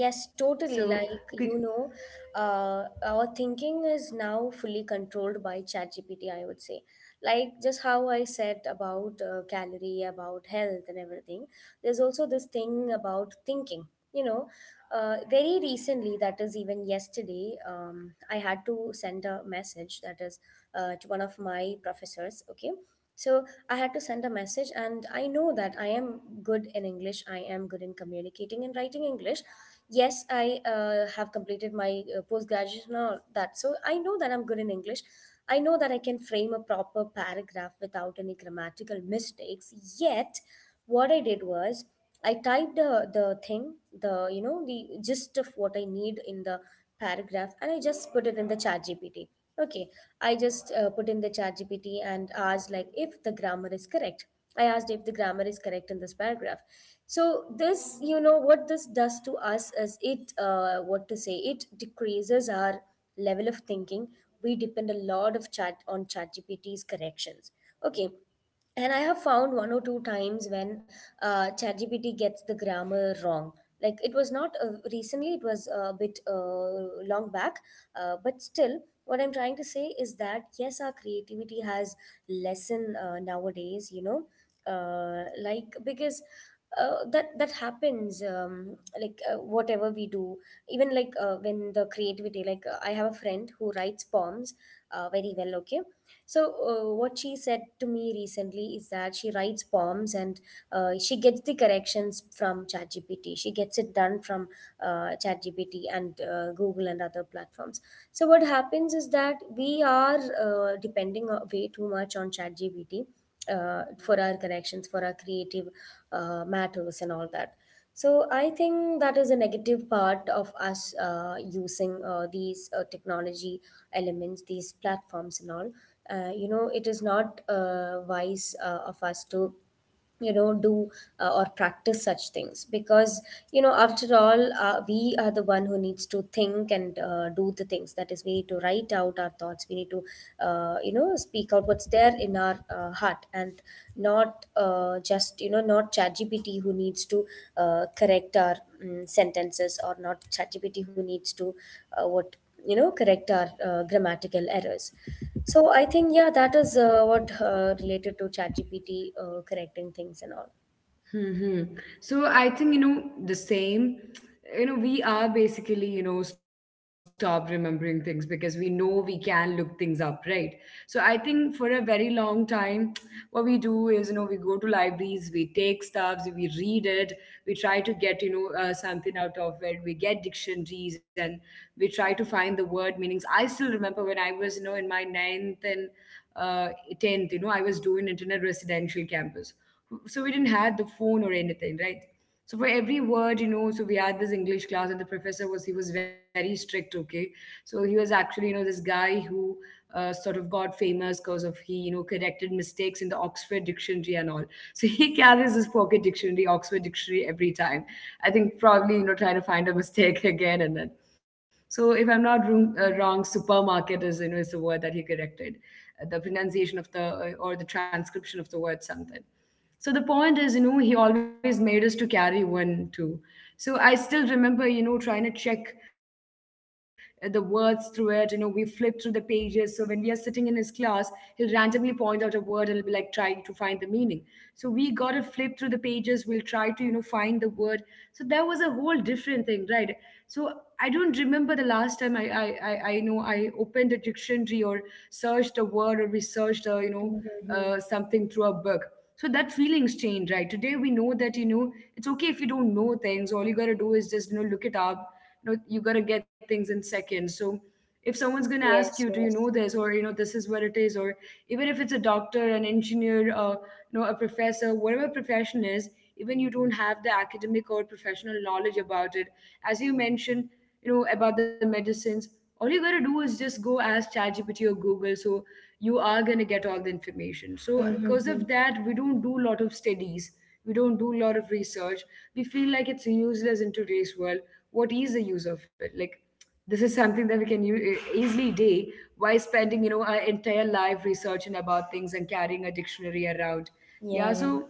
Speaker 2: yes,
Speaker 1: could,
Speaker 2: totally. Like, you know, our thinking is now fully controlled by ChatGPT, I would say. Like, just how I said about calorie, about health, and everything, there's also this thing about thinking. You know, very recently, that is even yesterday, I had to send a message, that is to one of my professors, okay? So I had to send a message, and I know that I am good in English. I am good in communicating and writing English. Yes, I have completed my postgraduation and all that. So I know that I'm good in English. I know that I can frame a proper paragraph without any grammatical mistakes. Yet, what I did was, I typed the thing, the, you know, the gist of what I need in the paragraph, and I just put it in the chat GPT. Okay, I just put in the chat GPT and asked, like, if the grammar is correct. I asked if the grammar is correct in this paragraph. So this, you know, what this does to us is, it, what to say, it decreases our level of thinking. We depend a lot of chat on ChatGPT's corrections. Okay, and I have found one or two times when ChatGPT gets the grammar wrong. Like, it was not recently, it was a bit long back, but still, what I'm trying to say is that, yes, our creativity has lessened nowadays, you know, like because. That happens, like, whatever we do, even, like, when the creativity, like, I have a friend who writes poems very well, okay. So, what she said to me recently is that she writes poems, and she gets the corrections from ChatGPT. She gets it done from ChatGPT and Google and other platforms. So, what happens is that we are depending way too much on ChatGPT for our corrections, for our creative matters, and all that. So I think that is a negative part of us using these technology elements, these platforms and all. You know, it is not wise of us to, you know, do or practice such things, because, you know, after all, we are the one who needs to think and do the things. That is, we need to write out our thoughts, we need to, you know, speak out what's there in our heart, and not, just, you know, not ChatGPT who needs to correct our sentences, or not ChatGPT who needs to, what, you know, correct our grammatical errors. So I think, yeah, that is what, related to ChatGPT correcting things and all.
Speaker 1: hmm. So I think, the same, we are basically, stop remembering things because we know we can look things up, right? So I think for a very long time, what we do is, we go to libraries, we take stuff, we read it, we try to get, something out of it, we get dictionaries and we try to find the word meanings. I still remember when I was, in my ninth and uh, 10th, I was doing it in a residential campus. So we didn't have the phone or anything, right? So for every word, so we had this English class and the professor was, he was very strict, okay? So he was actually, this guy who sort of got famous because of he corrected mistakes in the Oxford dictionary and all. So he carries his pocket dictionary, Oxford dictionary, every time. I think probably trying to find a mistake again. And then, so if I'm not wrong, supermarket is is the word that he corrected, the pronunciation of the or the transcription of the word, something. So the point is, he always made us to carry one too. So I still remember, trying to check the words through it. You know, we flip through the pages. So when we are sitting in his class, he'll randomly point out a word and it'll be like trying to find the meaning. So we gotta flip through the pages. We'll try to, find the word. So that was a whole different thing, right? So I don't remember the last time I know I opened a dictionary or searched a word or researched a,
Speaker 2: Mm-hmm.
Speaker 1: something through a book. So that feelings change, right? Today we know that it's okay if you don't know things. All you got to do is just look it up. You know, you got to get things in seconds. So if someone's going to ask you, do
Speaker 2: Yes,
Speaker 1: you know
Speaker 2: yes.
Speaker 1: this, or you know this is where it is, or even if it's a doctor, an engineer, you know, a professor, whatever profession is, even you don't have the academic or professional knowledge about it, as you mentioned, you know, about the medicines, all you gotta do is just go ask ChatGPT or Google. So you are gonna get all the information. So because of
Speaker 2: Mm-hmm.
Speaker 1: that, we don't do a lot of studies. We don't do a lot of research. We feel like it's useless in today's world. What is the use of it? Like, this is something that we can easily do. Why spending our entire life researching about things and carrying a dictionary around? Yeah.
Speaker 2: Yeah, yeah.
Speaker 1: So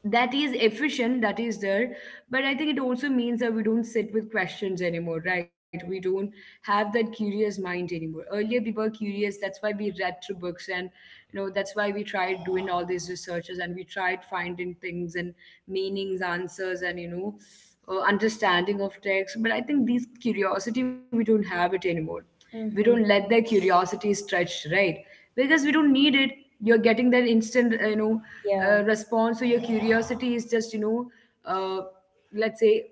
Speaker 1: that is efficient, that is there, but I think it also means that we don't sit with questions anymore, right? We don't have that curious mind anymore. Earlier we were curious, that's why we read through books and that's why we tried doing all these researches and we tried finding things and meanings, answers, and understanding of text. But I think this curiosity we don't have it anymore. We don't
Speaker 2: Mm-hmm.
Speaker 1: let their curiosity stretch, right? Because we don't need it. You're getting that instant
Speaker 2: Yeah.
Speaker 1: response. So your curiosity is just uh, let's say,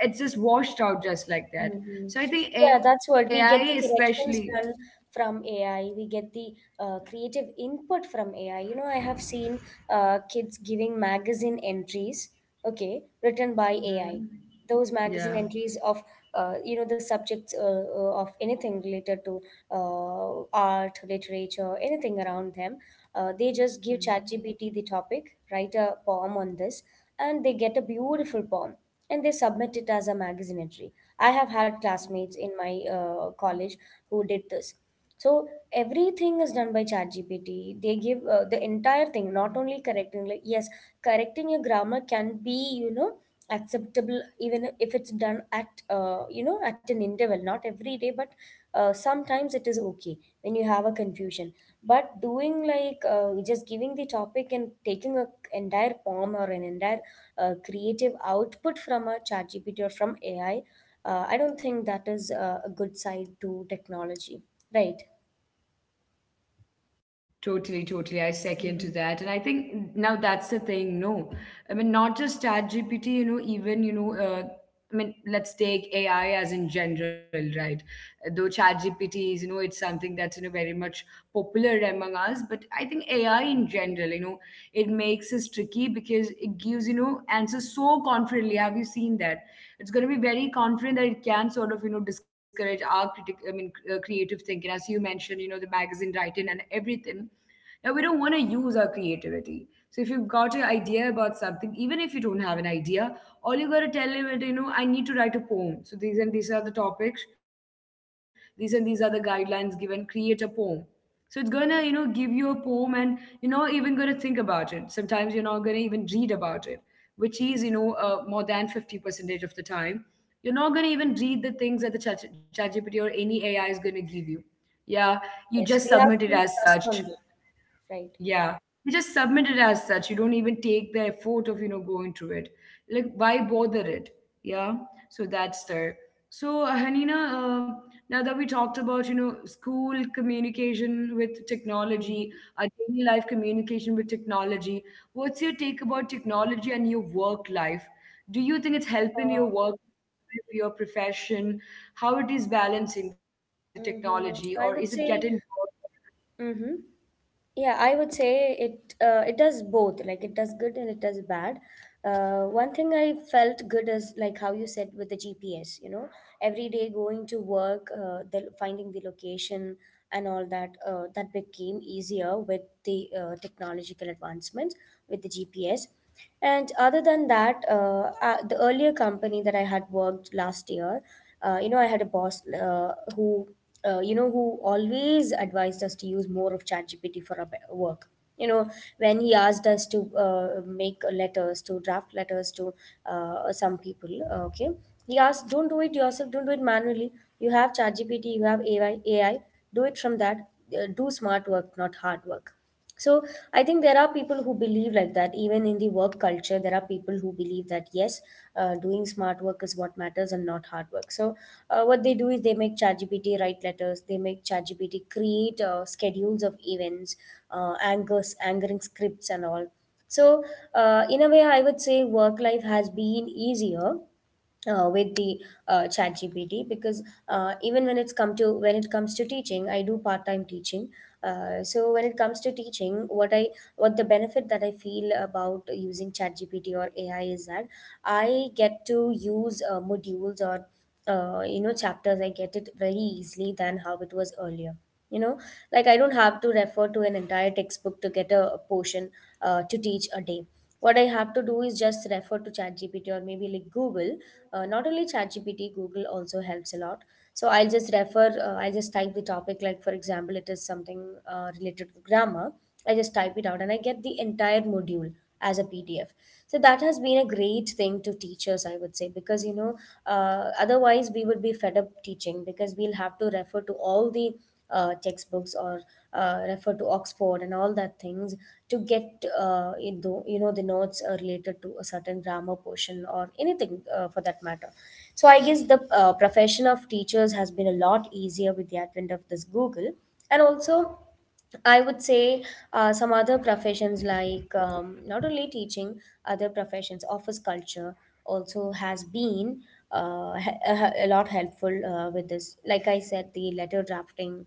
Speaker 1: it's just washed out just like that.
Speaker 2: Mhm.
Speaker 1: So I
Speaker 2: Yeah, that's
Speaker 1: think
Speaker 2: what we
Speaker 1: AI
Speaker 2: get the corrections
Speaker 1: especially.
Speaker 2: done from AI. We get the creative input from AI. You know, I have seen kids giving magazine entries, okay, written by AI.
Speaker 1: Mhm.
Speaker 2: Those magazine entries
Speaker 1: Yeah.
Speaker 2: of, you know, the subjects of anything related to art, literature, anything around them. They just give
Speaker 1: Mhm.
Speaker 2: ChatGPT the topic, write a poem on this, and they get a beautiful poem, and they submit it as a magazine entry. I have had classmates in
Speaker 1: Mhm.
Speaker 2: my college who did this. So everything is done by ChatGPT. They give the entire
Speaker 1: Mhm.
Speaker 2: thing, not only correcting. Like, yes, correcting your grammar can be, you know, acceptable, even if it's done at, you know, at an interval, not every day, but sometimes it is okay when you have a confusion. But doing, like, just giving the topic and taking a entire poem or an entire creative output from a ChatGPT or from AI, I don't think that is a good side to technology, right?
Speaker 1: Totally, totally. I second to
Speaker 2: Mhm.
Speaker 1: that. And I think now that's the thing, no. I mean, not just Chat GPT, I mean, let's take AI as in general, right? Though Chat GPT is, it's something that's, very much popular among us, but I think AI in general, it makes us tricky because it gives answers so confidently. Have you seen that? It's going to be very confident that it can sort of discourage our critic I mean creative thinking, as you mentioned, the magazine writing and everything. Now we don't want to use our creativity. So if you've got an idea about something, even if you don't have an idea, all you got to tell him is I need to write a poem, so these and these are the topics, these and these are the guidelines given, create a poem. So it's gonna, give you a poem, and you're not even gonna think about it. Sometimes you're not gonna even read about it, which is, more than 50 percentage of the time. You're not gonna even read the things that the ChatGPT or any AI is gonna give you. Yeah, you
Speaker 2: Yes, we
Speaker 1: just
Speaker 2: have
Speaker 1: submit it
Speaker 2: full
Speaker 1: as
Speaker 2: trust
Speaker 1: such.
Speaker 2: on them, right?
Speaker 1: Yeah, you just submit it as such. You don't even take the effort of, going through it. Like, why bother it? Yeah, so that's there. So, Hanina, now that we talked about, school communication with technology,
Speaker 2: Mhm.
Speaker 1: our daily life communication with technology, what's your take about technology and your work life? Do you think it's helping your
Speaker 2: Uh,
Speaker 1: work, life, your profession? How it is balancing the technology, or is
Speaker 2: mhm,
Speaker 1: it
Speaker 2: I
Speaker 1: getting
Speaker 2: would say, mhm. Yeah, I would say it does both. Like it does good and it does bad. One thing I felt good is like how you said with the GPS. You know, every day going to work, finding the location and all that that became easier with the technological advancements with the GPS. And other than that, the earlier company that I had worked last year, I had a boss who always advised us to use more of ChatGPT for our work. You know, when he asked us to draft letters to some people, okay, he asked, don't do it yourself, don't do it manually. You have ChatGPT, you have AI, do it from that. Do smart work, not hard work. So I think there are people who believe like that. Even in the work culture, there are people who believe that yes, doing smart work is what matters and not hard work. So what they do is they make ChatGPT write letters. They make ChatGPT create schedules of events, angering scripts, and all. So in a way, I would say work life has been easier with the chat gpt because even when it's come to when it comes to teaching, I do part-time teaching. So when it comes to teaching, what the benefit that I feel about using chat gpt or AI is that I get to use modules or chapters. I get it very easily than how it was earlier, you know like I don't have to refer to an entire textbook to get a portion to teach a day. What I have to do is just refer to ChatGPT or maybe like Google. Not only ChatGPT, Google also helps a lot. So I'll just type the topic. Like for example, it is something related to grammar. I just type it out and I get the entire module as a PDF. So that has been a great thing to teachers, I would say, because otherwise we would be fed up teaching because we'll have to refer to all the textbooks or refer to Oxford and all that things to get the notes related to a certain grammar portion or anything for that matter. So I guess the profession of teachers has been a lot easier with the advent of this Google, and also I would say some other professions like, not only teaching, other professions, office culture also has been a lot helpful with this. Like I said, the letter drafting,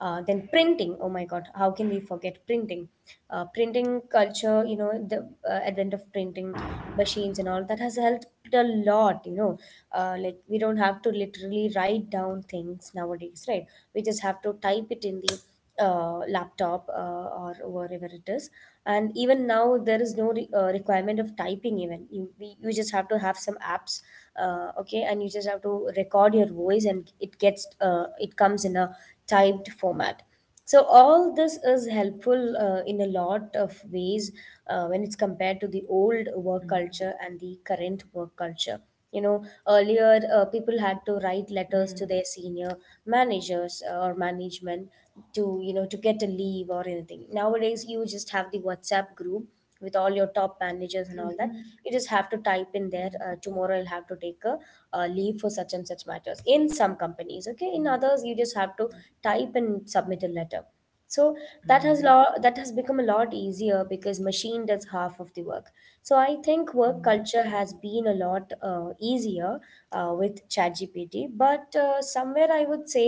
Speaker 2: then printing. Oh my God, how can we forget printing? Printing culture, you know, the advent of printing machines and all that has helped a lot, you know. Like we don't have to literally write down things nowadays, right? We just have to type it in the laptop or wherever it is. And even now there is no requirement of typing. Even you just have to have some apps, okay, and you just have to record your voice and it gets it comes in a typed format. So all this is helpful in a lot of ways when it's
Speaker 1: bored?
Speaker 2: compared to the old work culture and the current work culture. You know, earlier people had to
Speaker 1: Mhm.
Speaker 2: write letters to their senior managers or management to, you know, to get a leave or anything. Nowadays, you just have the WhatsApp group with all your top managers and all that. You just have to type in there,
Speaker 1: Mm-hmm.
Speaker 2: tomorrow I'll have to take a leave for such and such matters in some companies. Okay, in others, you just have to type and submit a letter. So
Speaker 1: Mhm.
Speaker 2: that has become a lot easier because machine does half of the work. So I think work culture
Speaker 1: Mhm.
Speaker 2: has been a lot easier with ChatGPT. But somewhere I would say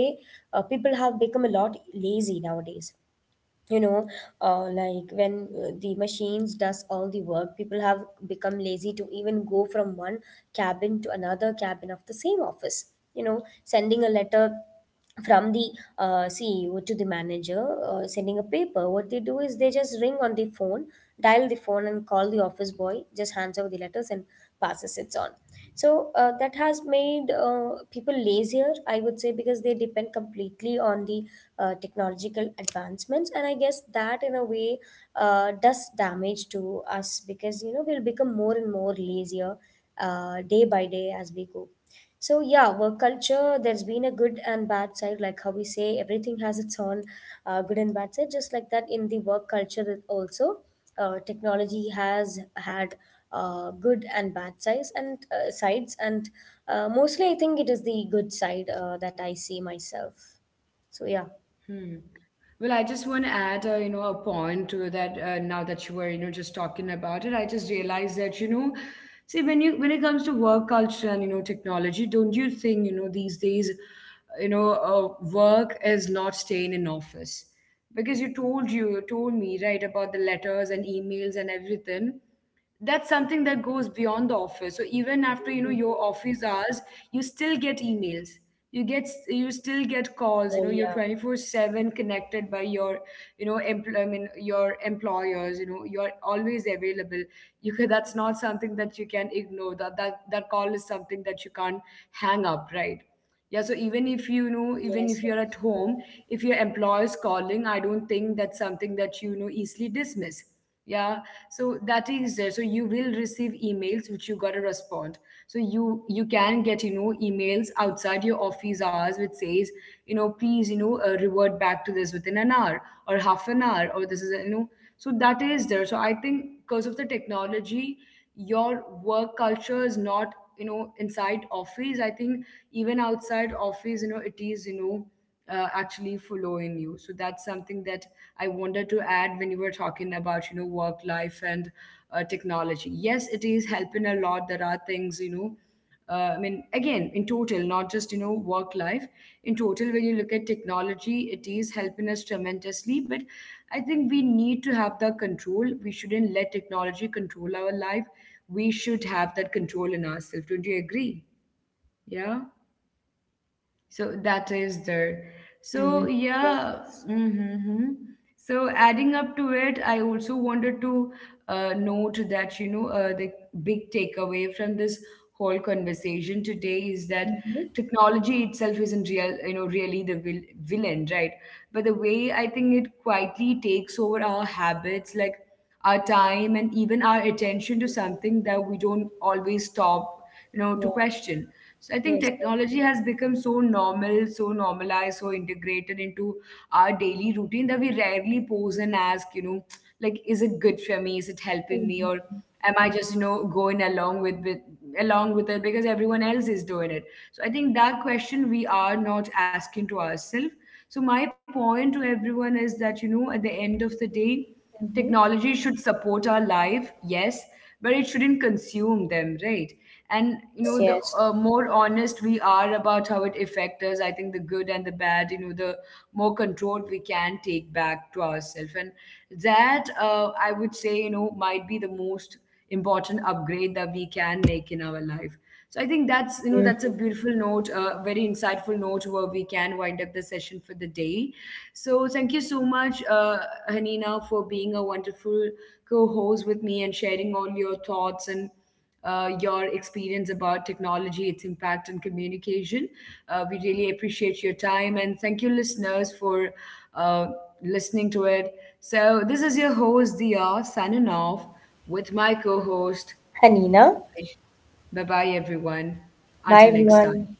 Speaker 2: people have become a lot lazy nowadays, you know. Uh, like when uh, the machines does all the work, people have become lazy to even go from one cabin to another cabin of the same office, you know, sending a letter from the CEO to the manager, sending a paper. What they do is they just ring on the phone, dial the phone and call. The office boy just hands over the letters and passes it on. So that has made people lazier, I would say, because they depend completely on the technological advancements. And I guess that in a way does damage to us because, you know, we'll become more and more lazier day by day as we go. So yeah, work culture, there's been a good and bad side. Like how we say, everything has its own good and bad side. Just like that, in the work culture it also, technology has had good and bad sides. And mostly I think it is the good side that I see myself. So yeah.
Speaker 1: Hmm. Well, I just want to add, a point to that. Now that you were, just talking about it, I just realized that, see, when it comes to work culture and technology, don't you think, these days, work is not staying in office, because you told me, right, about the letters and emails and everything. That's something that goes beyond the office. So even after your office hours, you still get emails, you still get calls. You
Speaker 2: Oh
Speaker 1: know, you're
Speaker 2: yeah.
Speaker 1: 24/7 connected by your I mean, your employers. You know, you're always available. You can, that's not something that you can ignore. That, that call is something that you can't hang up, right? Yeah, so even if even if
Speaker 2: Yes.
Speaker 1: you're
Speaker 2: Yes.
Speaker 1: at home, if your employer is calling, I don't think that's something that easily dismiss. Yeah, so that is there. So you will receive emails which you gotta respond. So you can get emails outside your office hours which says please revert back to this within an hour or half an hour, or this is so that is there. So I think because of the technology, your work culture is not inside office. I think even outside office, it is actually following you. So that's something that I wanted to add when you were talking about work life and technology. Yes, it is helping a lot. There are things I mean, again, in total, not just work life. In total, when you look at technology, it is helping us tremendously. But I think we need to have the control. We shouldn't let technology control our life. We should have that control in ourselves. Don't you agree? Yeah. So that is there. So
Speaker 2: Mm-hmm.
Speaker 1: yeah.
Speaker 2: Yes.
Speaker 1: Mm-hmm. So adding up to it, I also wanted to note that the big takeaway from this whole conversation today is that
Speaker 2: Yes. Mm-hmm.
Speaker 1: technology itself isn't real, you know, really the villain, right? But the way I think it quietly takes over our habits, like our time and even our attention to something that we don't always stop, to
Speaker 2: Yeah.
Speaker 1: question. So I think
Speaker 2: Yes. Yes.
Speaker 1: technology has become so normal, so normalized, so integrated into our daily routine that we rarely pause and ask, like, is it good for me? Is it helping me? Or
Speaker 2: Mm-hmm.
Speaker 1: am I just, going along with along with it because everyone else is doing it? So I think that question we are not asking to ourselves. So my point to everyone is that, at the end of the day,
Speaker 2: Mm-hmm.
Speaker 1: technology should support our life, yes, but it shouldn't consume them, right? And you
Speaker 2: Yes.
Speaker 1: know the
Speaker 2: Yes.
Speaker 1: more honest we are about how it affects us, I think the good and the bad, the more control we can take back to ourselves. And that, I would say, might be the most important upgrade that we can make in our life. So I think that's, that's a beautiful note, a very insightful note where we can wind up the session for the day. So thank you so much, Hanina, for being a wonderful co-host with me and sharing all your thoughts and your experience about technology, its impact on communication. We really appreciate your time and thank you, listeners, for uh, listening to it. So, this is your host, Dia, signing off with my co host.
Speaker 2: Hanina.
Speaker 1: Bye bye, everyone.
Speaker 2: Bye,
Speaker 1: Until next time.
Speaker 2: everyone.